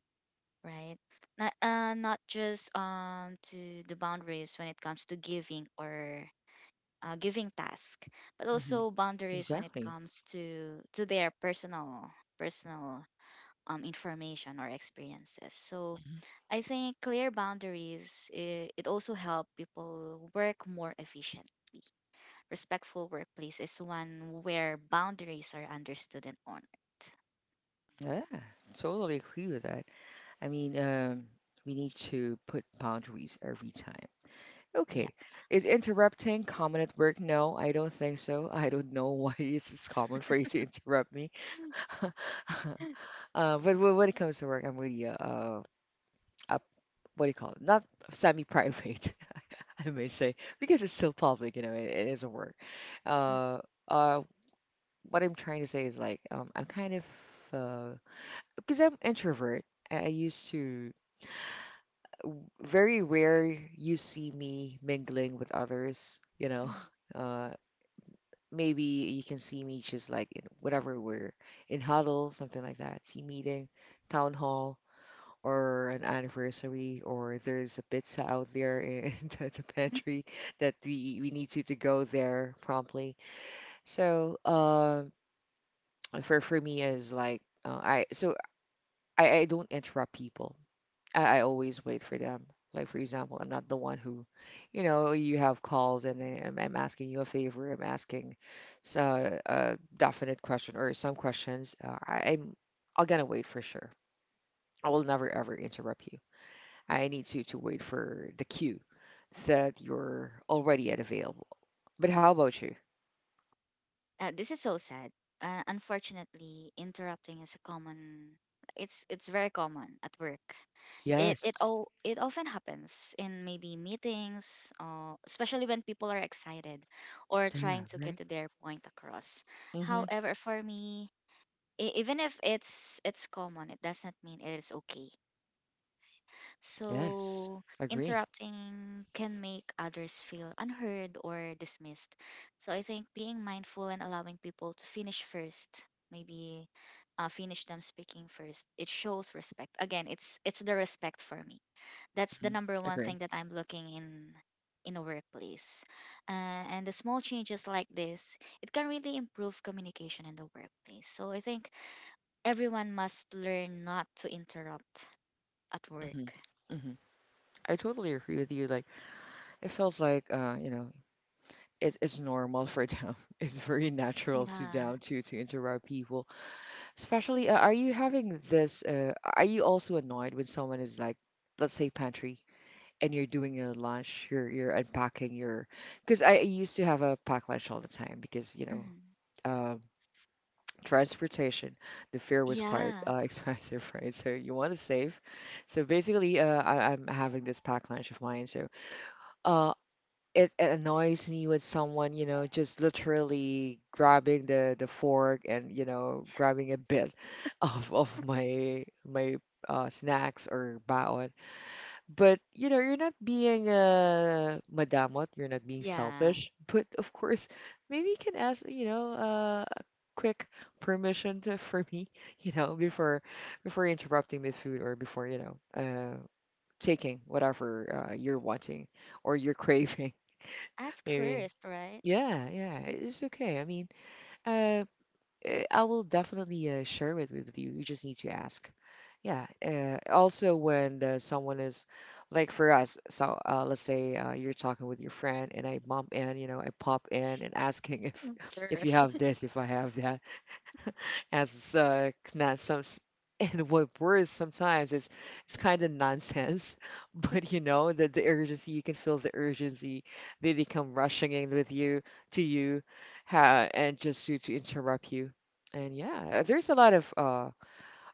[SPEAKER 2] right? Not not just to the boundaries when it comes to giving or giving task, but
[SPEAKER 1] Hmm.
[SPEAKER 2] also boundaries when it
[SPEAKER 1] Exactly.
[SPEAKER 2] comes to their personal personal information or experiences. So,
[SPEAKER 1] Mhm.
[SPEAKER 2] I think clear boundaries, it also help people work more efficient. Respectful workplace is one where boundaries are understood and honored.
[SPEAKER 1] Yeah, totally agree with that. I mean, we need to put boundaries every time.
[SPEAKER 2] Yeah.
[SPEAKER 1] Okay. Is interrupting common at work? No, I don't think so. I don't know why it's common for you to interrupt me. But when it comes to work, I'm really up- what do you call it? Not semi-private, I may say, because it's still public. You know, it is a work. Uh, uh, what I'm trying to say is like, I'm kind of uh, because I'm introvert. I used to, very rare you see me mingling with others. You know,
[SPEAKER 2] Mm-hmm.
[SPEAKER 1] uh, maybe you can see me just like in whatever we're in huddle, something like that, team meeting, town hall, or an anniversary, or there's a pizza out there in the pantry, that we need to go there promptly. So for me is like I don't interrupt people. I always wait for them. Like for example, I'm not the one who, you know, you have calls and I'm asking you a favor. I'm asking a definite question or some questions. I'm gonna wait for sure. I will never ever interrupt you. I need you to wait for the queue that you're already at available. But how about you?
[SPEAKER 2] This is so sad. Unfortunately, interrupting is a common. It's very common at work. It it
[SPEAKER 1] Yes.
[SPEAKER 2] all it often happens in maybe meetings, especially when people are excited or trying
[SPEAKER 1] Yeah,
[SPEAKER 2] to get
[SPEAKER 1] right?
[SPEAKER 2] to their point across.
[SPEAKER 1] Mm-hmm.
[SPEAKER 2] However, for me, even if it's common, it does not mean it is okay.
[SPEAKER 1] Yes.
[SPEAKER 2] So,
[SPEAKER 1] Agree.
[SPEAKER 2] interrupting can make others feel unheard or dismissed. So, I think being mindful and allowing people to finish first, maybe finish them speaking first, it shows respect. Again, it's the respect for me. That's the
[SPEAKER 1] Hmm.
[SPEAKER 2] number one
[SPEAKER 1] Agree.
[SPEAKER 2] thing that I'm looking in a workplace. Uh, and the small changes like this, it can really improve communication in the workplace. So, I think everyone must learn not to interrupt at
[SPEAKER 1] Hmm.
[SPEAKER 2] work.
[SPEAKER 1] Hmm. I totally agree with you. Like, it feels like you know, it's normal for them. It's very natural to
[SPEAKER 2] Yeah.
[SPEAKER 1] down to interrupt people. Especially, are you having this? Are you also annoyed when someone is like, let's say, pantry? And you're doing your lunch, you're unpacking your, because I used to have a packed lunch all the time because
[SPEAKER 2] Mhm.
[SPEAKER 1] um, transportation, the fare was quite
[SPEAKER 2] Yeah.
[SPEAKER 1] expensive, right? So you want to save. So basically, I'm having this packed lunch of mine. So uh, it annoys me when someone just literally grabbing the fork and grabbing a bit of my snacks or baon, but you're not being madamot, you're not being
[SPEAKER 2] Yeah.
[SPEAKER 1] selfish. But of course, maybe you can ask, a quick permission to, for me, before before interrupting the food or before taking whatever you're wanting or you're craving,
[SPEAKER 2] Ask
[SPEAKER 1] maybe.
[SPEAKER 2] first, right?
[SPEAKER 1] Yeah, yeah, it's okay. I mean, uh, I will definitely share it with you. You just need to ask. Yeah, also when someone is like for us, so let's say you're talking with your friend and I bump in, you know, I pop in and asking if if
[SPEAKER 2] Sure.
[SPEAKER 1] you have this, if I have that, as not some and what worse sometimes it's kind of nonsense, but you know the urgency, you can feel the urgency, they come rushing in with you to you, ha, and just to interrupt you, and yeah, there's a lot of uh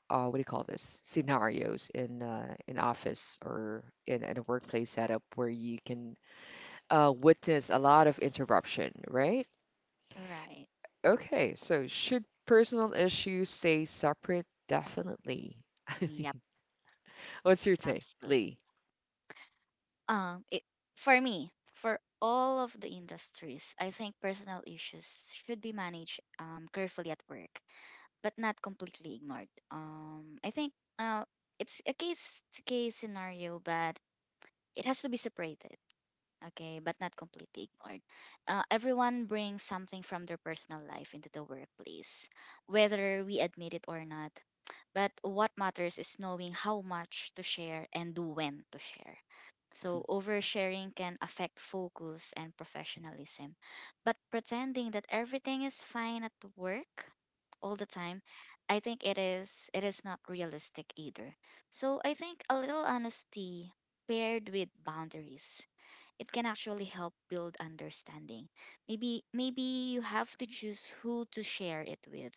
[SPEAKER 1] uh, what do you call this, scenarios in in office or in a workplace setup where you can witness a lot of interruption, right?
[SPEAKER 2] Right.
[SPEAKER 1] Okay, so should personal issues stay separate? Definitely. I
[SPEAKER 2] Yep,
[SPEAKER 1] mean, what's your take, Lee?
[SPEAKER 2] absolutely. It for me, for all of the industries, I think personal issues should be managed carefully at work, but not completely ignored. I think uh it's a case to case scenario, but it has to be separated. Okay, but not completely ignored. Everyone brings something from their personal life into the workplace, whether we admit it or not. But what matters is knowing how much to share and when to share. So, oversharing can affect focus and professionalism. But pretending that everything is fine at work all the time, I think it is not realistic either. So, I think a little honesty paired with boundaries, it can actually help build understanding. Maybe you have to choose who to share it with,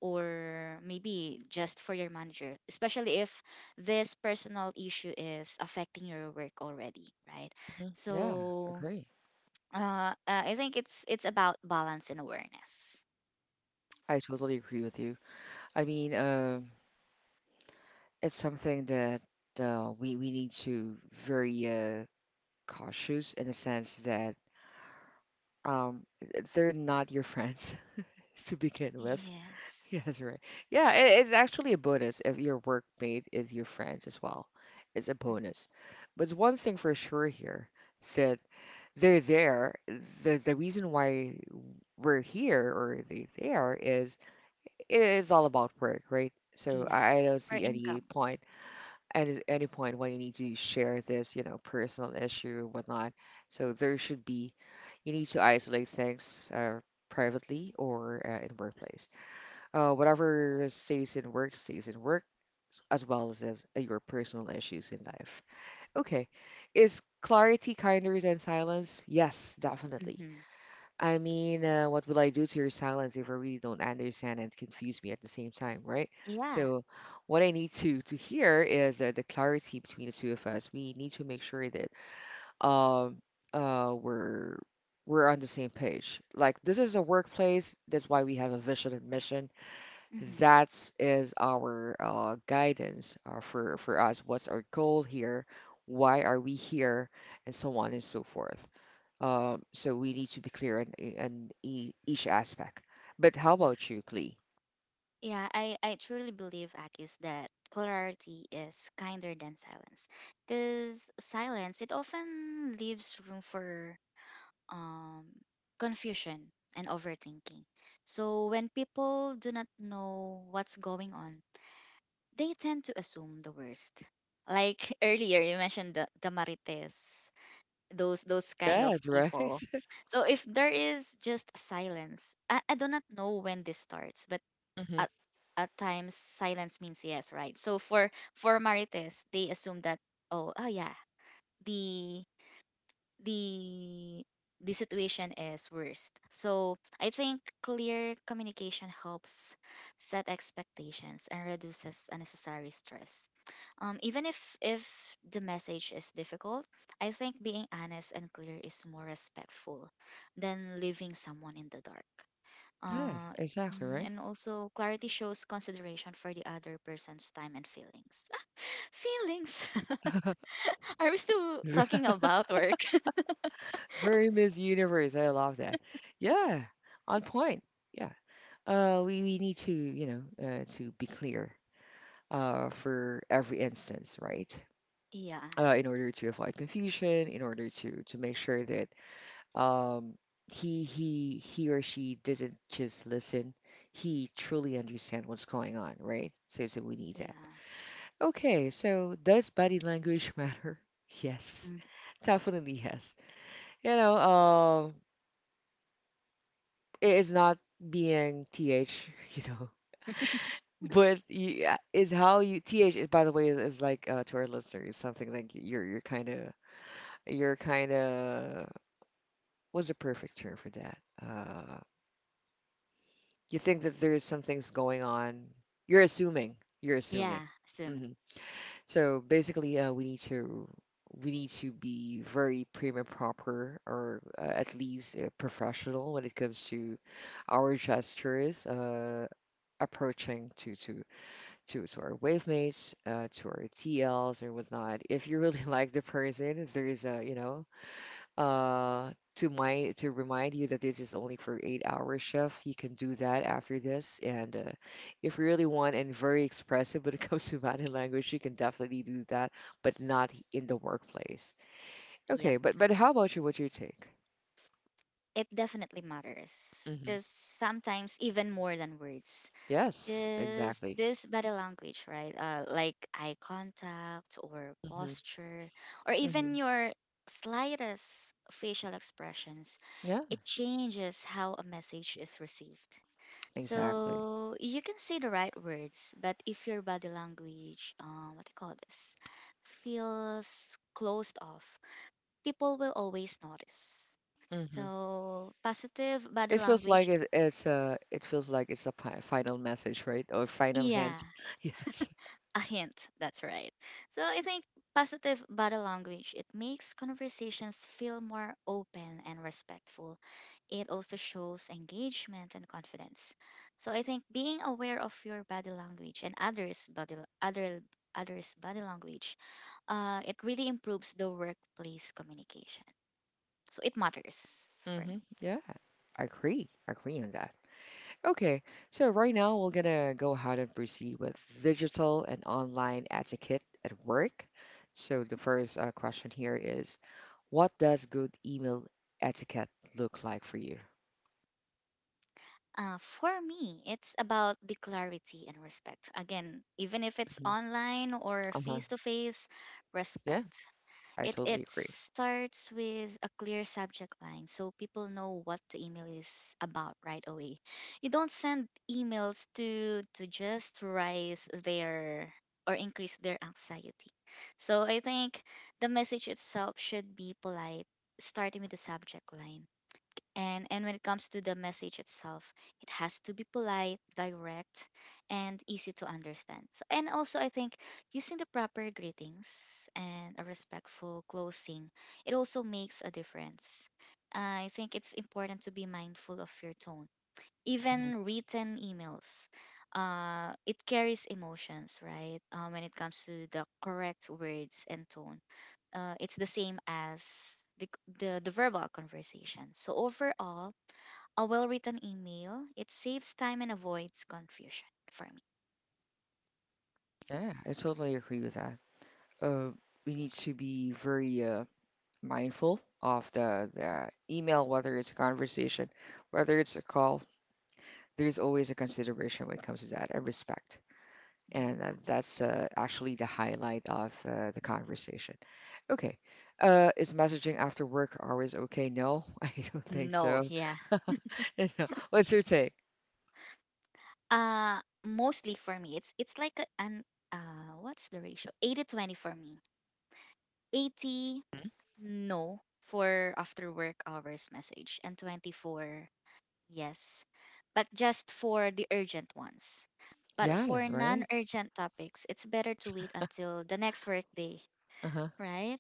[SPEAKER 2] or maybe just for your manager, especially if this personal issue is affecting your work already, right?
[SPEAKER 1] Hmm. Yeah,
[SPEAKER 2] So
[SPEAKER 1] agree.
[SPEAKER 2] I think it's about balance and awareness.
[SPEAKER 1] I totally agree with you. I mean, it's something that we need to very cautious in a sense that um, they're not your friends. To begin with.
[SPEAKER 2] Yes.
[SPEAKER 1] Yes, right. Yeah, it's actually a bonus if your workmate is your friends as well. It's a
[SPEAKER 2] Mm,
[SPEAKER 1] bonus. But it's one thing for sure here, that they're there. The reason why we're here or they there is all about work, right? So
[SPEAKER 2] yeah.
[SPEAKER 1] I don't
[SPEAKER 2] For
[SPEAKER 1] see any
[SPEAKER 2] income.
[SPEAKER 1] point, any point why you need to share this, you know, personal issue whatnot. So there should be, you need to isolate things privately or in workplace. Whatever stays in work, as well as, your personal issues in life. Okay, is clarity kinder than silence? Yes, definitely.
[SPEAKER 2] Mm-hmm.
[SPEAKER 1] I mean, what will I do to your silence if I really don't understand and confuse me at the same time, right?
[SPEAKER 2] Yeah.
[SPEAKER 1] So, what I need to hear is the clarity between the two of us. We need to make sure that um uh we're we're on the same page. Like this is a workplace, that's why we have a vision and mission,
[SPEAKER 2] Mm-hmm.
[SPEAKER 1] that is our guidance for us. What's our goal here? Why are we here? And so on and so forth. So we need to be clear on, each aspect. But how about you, Klee?
[SPEAKER 2] Yeah, I truly believe, Akis, that polarity is kinder than silence. Because silence, it often leaves room for um, confusion and overthinking. So when people do not know what's going on, they tend to assume the worst. Like earlier, you mentioned the, marites, those kind of
[SPEAKER 1] Yes, right.
[SPEAKER 2] people. So if there is just silence, I do not know when this starts, but
[SPEAKER 1] Hmm.
[SPEAKER 2] at, at times silence means yes, right? So for Marites, they assume that, oh, oh yeah, the the the situation is worst. So I think clear communication helps set expectations and reduces unnecessary stress. Even if the message is difficult, I think being honest and clear is more respectful than leaving someone in the dark.
[SPEAKER 1] Yeah,
[SPEAKER 2] Uh,
[SPEAKER 1] exactly, right.
[SPEAKER 2] and also, clarity shows consideration for the other person's time and feelings. Ah, feelings! Are we still
[SPEAKER 1] Ve-
[SPEAKER 2] talking about work?
[SPEAKER 1] Very Miss Universe. I love that. Yeah, on point. Yeah. We need to, to be clear for every instance, right?
[SPEAKER 2] Yeah,
[SPEAKER 1] In order to avoid confusion, in order to make sure that um, he or she doesn't just listen, he truly understand what's going on, right? So so we need that.
[SPEAKER 2] yeah.
[SPEAKER 1] Okay, so does body language matter? Yes,
[SPEAKER 2] Mm.
[SPEAKER 1] definitely yes. You know, it is not being you know. But you, is how you by the way is like to our listeners, something like you're kind of, you're kind of, what's a perfect term for that? Uh, you think that there is some things going on. You're assuming. You're assuming.
[SPEAKER 2] Yeah, swimming.
[SPEAKER 1] Hmm. So basically, we need to be very prim and proper, or at least professional when it comes to our gestures, approaching to our wave mates, to our T Ls, or whatnot. If you really like the person, there is a, you know, to my, to remind you that this is only for 8 hour shift, you can do that after this. And if you really want and very expressive when it comes to body language, you can definitely do that, but not in the workplace.
[SPEAKER 2] Yep.
[SPEAKER 1] Okay, but how about you? What's your take?
[SPEAKER 2] It definitely matters
[SPEAKER 1] Hmm.
[SPEAKER 2] because sometimes even more than words,
[SPEAKER 1] Yes,
[SPEAKER 2] because
[SPEAKER 1] exactly.
[SPEAKER 2] this body language, right, like eye contact or
[SPEAKER 1] Hmm.
[SPEAKER 2] posture, or even
[SPEAKER 1] Hmm.
[SPEAKER 2] your slightest facial expressions,
[SPEAKER 1] Yeah,
[SPEAKER 2] it changes how a message is received.
[SPEAKER 1] exactly.
[SPEAKER 2] So you can say the right words, but if your body language, what do you call this feels closed off, people will always notice.
[SPEAKER 1] Hmm.
[SPEAKER 2] So, positive body
[SPEAKER 1] It feels like
[SPEAKER 2] language,
[SPEAKER 1] it's a it feels like it's a final message, right? Or final
[SPEAKER 2] yeah,
[SPEAKER 1] hint? Yes.
[SPEAKER 2] a hint, that's right. So, I think positive body language, it makes conversations feel more open and respectful. It also shows engagement and confidence. So, I think being aware of your body language and other others' body language, it really improves the workplace communication. So, it matters for me.
[SPEAKER 1] Hmm. Yeah, I agree. I agree on that. Okay, so right now we're gonna go ahead and proceed with digital and online etiquette at work. So the first question here is, what does good email etiquette look like for you?
[SPEAKER 2] For me, it's about the clarity and respect. Again, even if it's
[SPEAKER 1] Mhm.
[SPEAKER 2] online or
[SPEAKER 1] Uh-huh.
[SPEAKER 2] face to face,
[SPEAKER 1] Yeah,
[SPEAKER 2] respect.
[SPEAKER 1] I
[SPEAKER 2] It
[SPEAKER 1] totally agree.
[SPEAKER 2] starts with a clear subject line so people know what the email is about right away. You don't send emails to just raise their or increase their anxiety. So I think the message itself should be polite, starting with the subject line. And when it comes to the message itself, it has to be polite, direct, and easy to understand. So, and also I think using the proper greetings and a respectful closing, it also makes a difference. I think it's important to be mindful of your tone.
[SPEAKER 1] Mhm.
[SPEAKER 2] Even written emails, it carries emotions, right? When it comes to the correct words and tone, it's the same as the, the verbal conversation. So overall, a well-written email, it saves time and avoids confusion for me.
[SPEAKER 1] Yeah, I totally agree with that. Uh, we need to be very mindful of the email, whether it's a conversation, whether it's a call. There's always a consideration when it comes to that, and respect.
[SPEAKER 2] Yep.
[SPEAKER 1] And that's actually the highlight of the conversation. Okay. Is messaging after work always okay? No, I don't think
[SPEAKER 2] No,
[SPEAKER 1] so.
[SPEAKER 2] yeah.
[SPEAKER 1] You know, what's your take?
[SPEAKER 2] Mostly, for me, it's like an, what's the ratio? 80-20 for me. 80
[SPEAKER 1] Mhm.
[SPEAKER 2] no for after work hours message, and 24 yes, but just for the urgent ones. But for
[SPEAKER 1] Yes, right?
[SPEAKER 2] non-urgent topics, it's better to wait until the next workday,
[SPEAKER 1] Uh-huh.
[SPEAKER 2] right?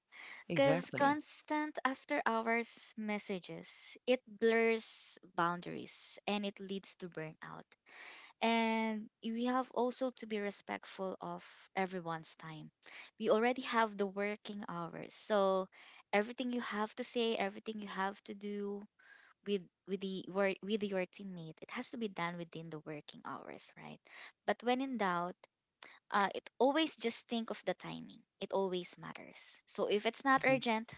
[SPEAKER 2] Because
[SPEAKER 1] Exactly.
[SPEAKER 2] constant after hours messages, it blurs boundaries and it leads to burnout. And we have also to be respectful of everyone's time. We already have the working hours. So everything you have to say, everything you have to do with the with your teammate, it has to be done within the working hours, right? But when in doubt, it always just think of the timing. It always matters. So if it's not
[SPEAKER 1] Mhm.
[SPEAKER 2] urgent,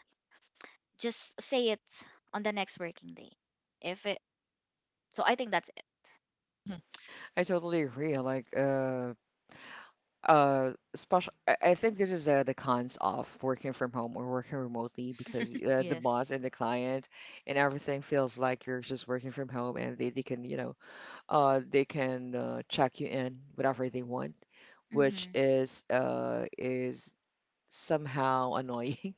[SPEAKER 2] just say it on the next working day. If it so I think that's it.
[SPEAKER 1] I totally agree. Like, special. I think this is the cons of working from home or working remotely, because the boss
[SPEAKER 2] Yes.
[SPEAKER 1] and the client and everything feels like you're just working from home, and they can, you know, they can check you in whatever they want, which
[SPEAKER 2] Mhm.
[SPEAKER 1] is somehow annoying,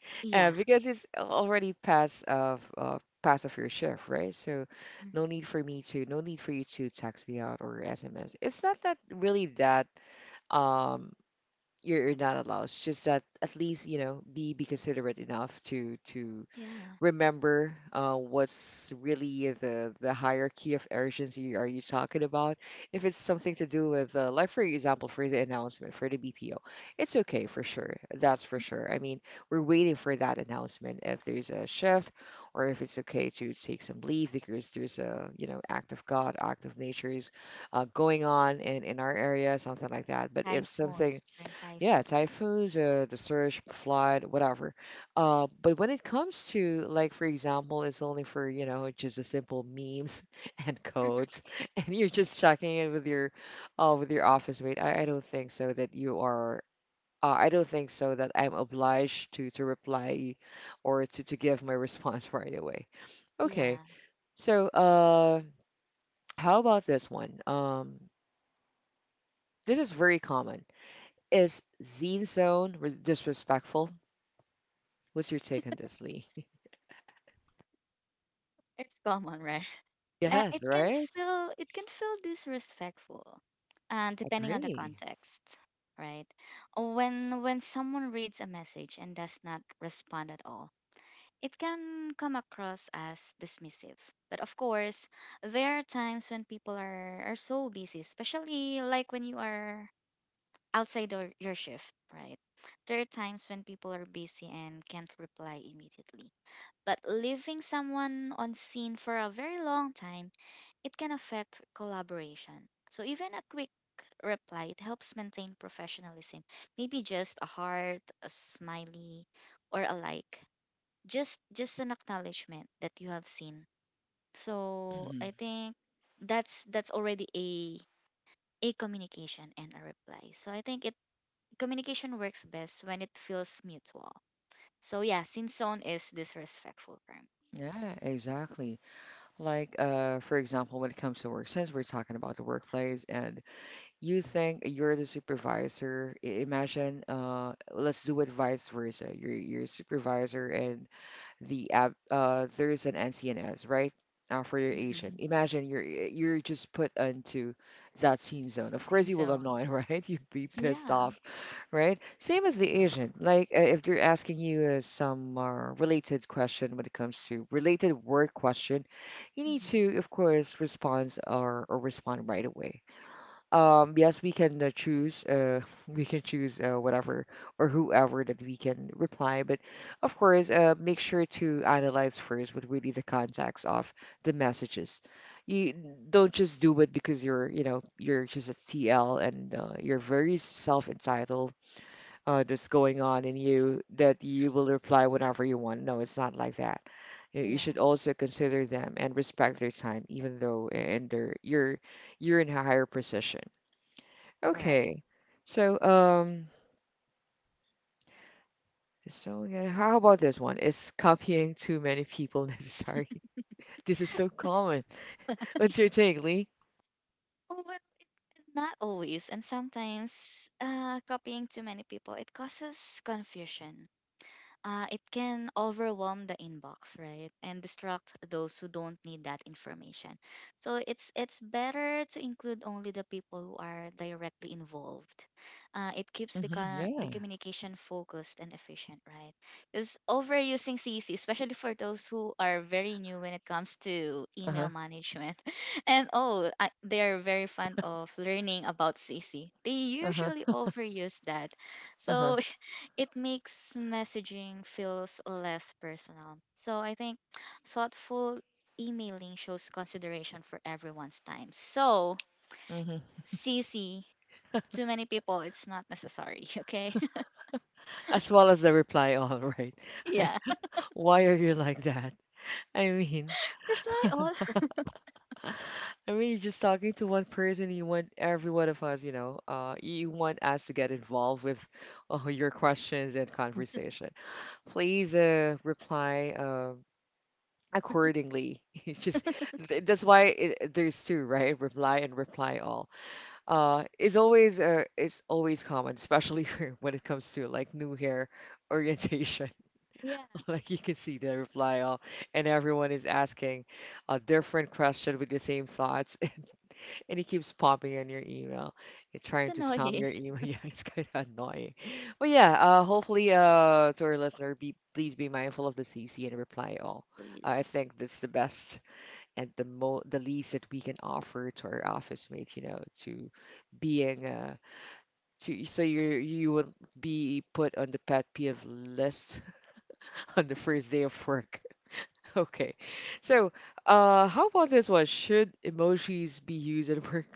[SPEAKER 2] Yeah.
[SPEAKER 1] because it's already past of your shift, right? So
[SPEAKER 2] Mhm.
[SPEAKER 1] no need for me to no need for you to text me out or SMS. It's not that really that um, you're not allowed. It's just that at least, you know, be considerate enough to
[SPEAKER 2] Yeah.
[SPEAKER 1] remember what's really the hierarchy of urgency are you talking about. If it's something to
[SPEAKER 2] Yes.
[SPEAKER 1] do with, like for example, for the announcement for the BPO, it's okay for sure. That's for sure. I mean, we're waiting for that announcement if there's a shift, or if it's okay to take some leave because there's a, you know, act of God, act of nature's going on in our area, something like that. But if something,
[SPEAKER 2] Typhoons, during
[SPEAKER 1] yeah,
[SPEAKER 2] typhoons, right?
[SPEAKER 1] typhoons, the surge, flood, whatever. But when it comes to, like, for example, it's only for, you know, just a simple memes and codes, and you're just checking it with your office mate. I don't think so that you are. I don't think so that I'm obliged to reply or to give my response right away. Okay,
[SPEAKER 2] Yeah,
[SPEAKER 1] so how about this one? This is very common. Is Zine Zone disrespectful? What's your take on this, Lee?
[SPEAKER 2] it's common, right?
[SPEAKER 1] Yes, right?
[SPEAKER 2] It can feel disrespectful, and depending on the
[SPEAKER 1] Agree.
[SPEAKER 2] context, right? When someone reads a message and does not respond at all, it can come across as dismissive. But of course, there are times when people are so busy, especially like when you are outside your shift, right? There are times when people are busy and can't reply immediately. But leaving someone on scene for a very long time, it can affect collaboration. So even a quick reply, it helps maintain professionalism. Maybe just a heart, a smiley, or a like. Just an acknowledgement that you have seen. So
[SPEAKER 1] Hmm.
[SPEAKER 2] I think that's already a communication and a reply. So I think it Communication works best when it feels mutual. So yeah, sinzone is disrespectful for
[SPEAKER 1] Yeah, exactly. Like, for example, when it comes to work, since we're talking about the workplace, and you think you're the supervisor, imagine, let's do it vice versa. You're a supervisor, and the app, there's an NCNS, right? For your agent.
[SPEAKER 2] me.
[SPEAKER 1] Imagine you're just put into that scene zone. Of course,
[SPEAKER 2] Scene
[SPEAKER 1] you will
[SPEAKER 2] zone.
[SPEAKER 1] annoy, right? You'd be pissed
[SPEAKER 2] Yeah.
[SPEAKER 1] off, right? Same as the Asian. Like, if they're asking you some related question when it comes to related work question, you need
[SPEAKER 2] Mm-hmm.
[SPEAKER 1] to, of course, respond or, respond right away. Yes, we can choose, we can choose whatever or whoever that we can reply, but of course, make sure to analyze first what really the context of the messages. You don't just do it because you're, you know, you're just a TL and you're very self-entitled, that's going on in you, that you will reply whenever you want. No, it's not like that. You should
[SPEAKER 2] Yeah,
[SPEAKER 1] also consider them and respect their time, even though and their you're in a higher position.
[SPEAKER 2] right.
[SPEAKER 1] Okay, so yeah, how about this one? Is copying too many people necessary? This is so common. What's your take, Lee?
[SPEAKER 2] Oh, well, not always, and sometimes copying too many people, it causes confusion. Uh, it can overwhelm the inbox, right, and distract those who don't need that information. So it's better to include only the people who are directly involved. It keeps
[SPEAKER 1] Hmm,
[SPEAKER 2] the
[SPEAKER 1] yeah.
[SPEAKER 2] communication focused and efficient, right? Because overusing CC, especially for those who are very new when it comes to email
[SPEAKER 1] Uh-huh.
[SPEAKER 2] management, and they are very fond of learning about CC. They
[SPEAKER 1] Uh-huh.
[SPEAKER 2] usually overuse that.
[SPEAKER 1] Uh-huh.
[SPEAKER 2] So it makes messaging feels less personal. So I think thoughtful emailing shows consideration for everyone's time. So
[SPEAKER 1] Hmm.
[SPEAKER 2] CC, too many people, it's not necessary. Okay,
[SPEAKER 1] As well as the reply, all right.
[SPEAKER 2] yeah.
[SPEAKER 1] Why are you like that? I mean,
[SPEAKER 2] Reply all.
[SPEAKER 1] I mean, you're just talking to one person. You want every one of us, you know, you want us to get involved with your questions and conversation. Please reply accordingly. It's just that's why it, there's two, right? Reply and reply all. Is always it's always common, especially when it comes to like new hair orientation.
[SPEAKER 2] Yeah,
[SPEAKER 1] Like you can see the reply all, and everyone is asking a different question with the same thoughts. And it keeps popping in your email. You're
[SPEAKER 2] it's
[SPEAKER 1] trying to spam
[SPEAKER 2] annoying.
[SPEAKER 1] your email. Yeah, it's kind of annoying. But yeah, hopefully, to our listener, be please be mindful of the CC and reply all. I
[SPEAKER 2] Please.
[SPEAKER 1] think that's the best and the mo the least that we can offer to our office mate. You know, to being to, so you will be put on the pet peeve list on the first day of work. Okay, so how about this one? Should emojis be used at work?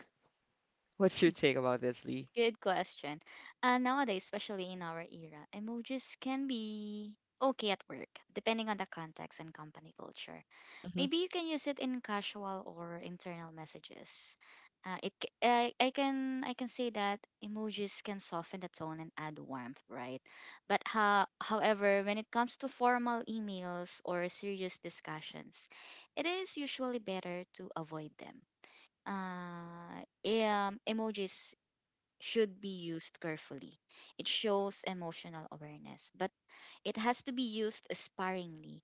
[SPEAKER 1] What's your take about this, Lee?
[SPEAKER 2] Good question. Nowadays, especially in our era, emojis can be okay at work, depending on the context and company culture.
[SPEAKER 1] Hmm.
[SPEAKER 2] Maybe you can use it in casual or internal messages. I can say that emojis can soften the tone and add warmth, right? But however, when it comes to formal emails or serious discussions, it is usually better to avoid them. Emojis should be used carefully. It shows emotional awareness, but it has to be used sparingly.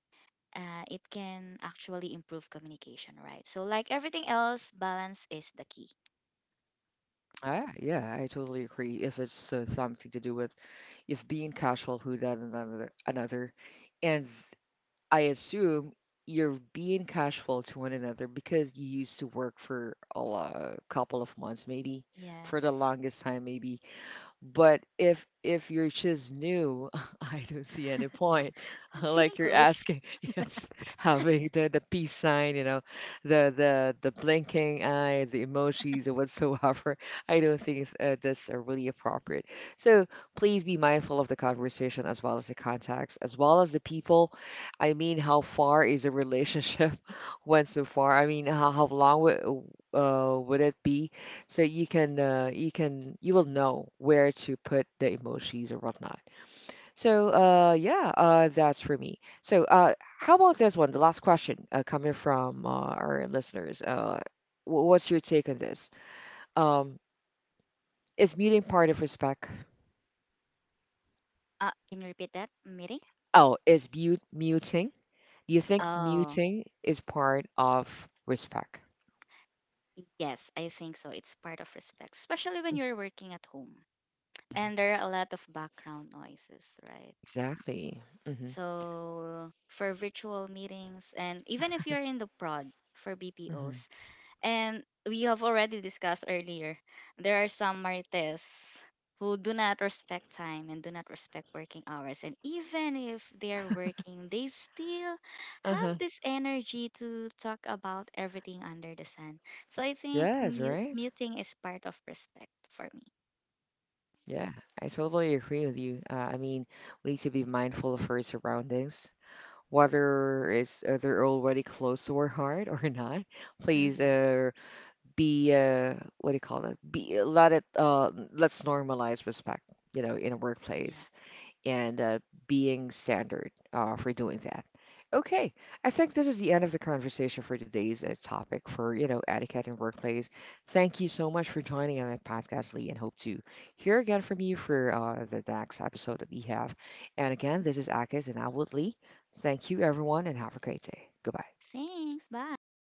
[SPEAKER 2] It can actually improve communication, right? So, like everything else, balance is the key.
[SPEAKER 1] Ah, yeah, I totally agree. If it's something to do with, if being casual who done another another, and I assume you're being casual to one another because you used to work for a, a couple of months, maybe, for the
[SPEAKER 2] Yes.
[SPEAKER 1] longest time, maybe. But if you're just new, I don't see any point.
[SPEAKER 2] Feeling
[SPEAKER 1] Like you're
[SPEAKER 2] close.
[SPEAKER 1] asking, yes, having the peace sign, you know, the blinking eye, the emojis or whatsoever. I don't think that's really appropriate. So please be mindful of the conversation, as well as the context, as well as the people. I mean, how far is a relationship? Went so far? I mean, how long would it be? So you can you can, you will know where to put the emojis or whatnot. So yeah, that's for me. So how about this one? The last question coming from our listeners. What's your take on this? Um, is muting part of respect?
[SPEAKER 2] Can you repeat that meeting?
[SPEAKER 1] Oh, is mute muting? Do you think
[SPEAKER 2] Oh,
[SPEAKER 1] muting is part of respect?
[SPEAKER 2] yes, I think so. It's part of respect, especially when you're working at home and there are a lot of background noises, right?
[SPEAKER 1] Exactly. Mm-hmm.
[SPEAKER 2] So, for virtual meetings, and even if you're in the prod for
[SPEAKER 1] Mm-hmm.
[SPEAKER 2] BPOs. And we have already discussed earlier, there are some marites who do not respect time and do not respect working hours. And even if they are working, they still
[SPEAKER 1] Uh-huh.
[SPEAKER 2] have this energy to talk about everything under the sun. So I think
[SPEAKER 1] Yes, right.
[SPEAKER 2] muting is part of respect for me.
[SPEAKER 1] Yeah, I totally agree with you. I mean, we need to be mindful of our surroundings, whether it's they're already close to our heart or not. Please,
[SPEAKER 2] Hmm.
[SPEAKER 1] be what do you call it? Be let it. Let's normalize respect. You know, in a
[SPEAKER 2] Yeah.
[SPEAKER 1] workplace, and being standard for doing that. Okay, I think this is the end of the conversation for today's topic for you know etiquette and workplace. Thank you so much for joining on my podcast, Lee, and hope to hear again from you for the next episode that we have. And again, this is Akis and I would Lee. Thank you, everyone, and have a great day. Goodbye.
[SPEAKER 2] Thanks. Bye.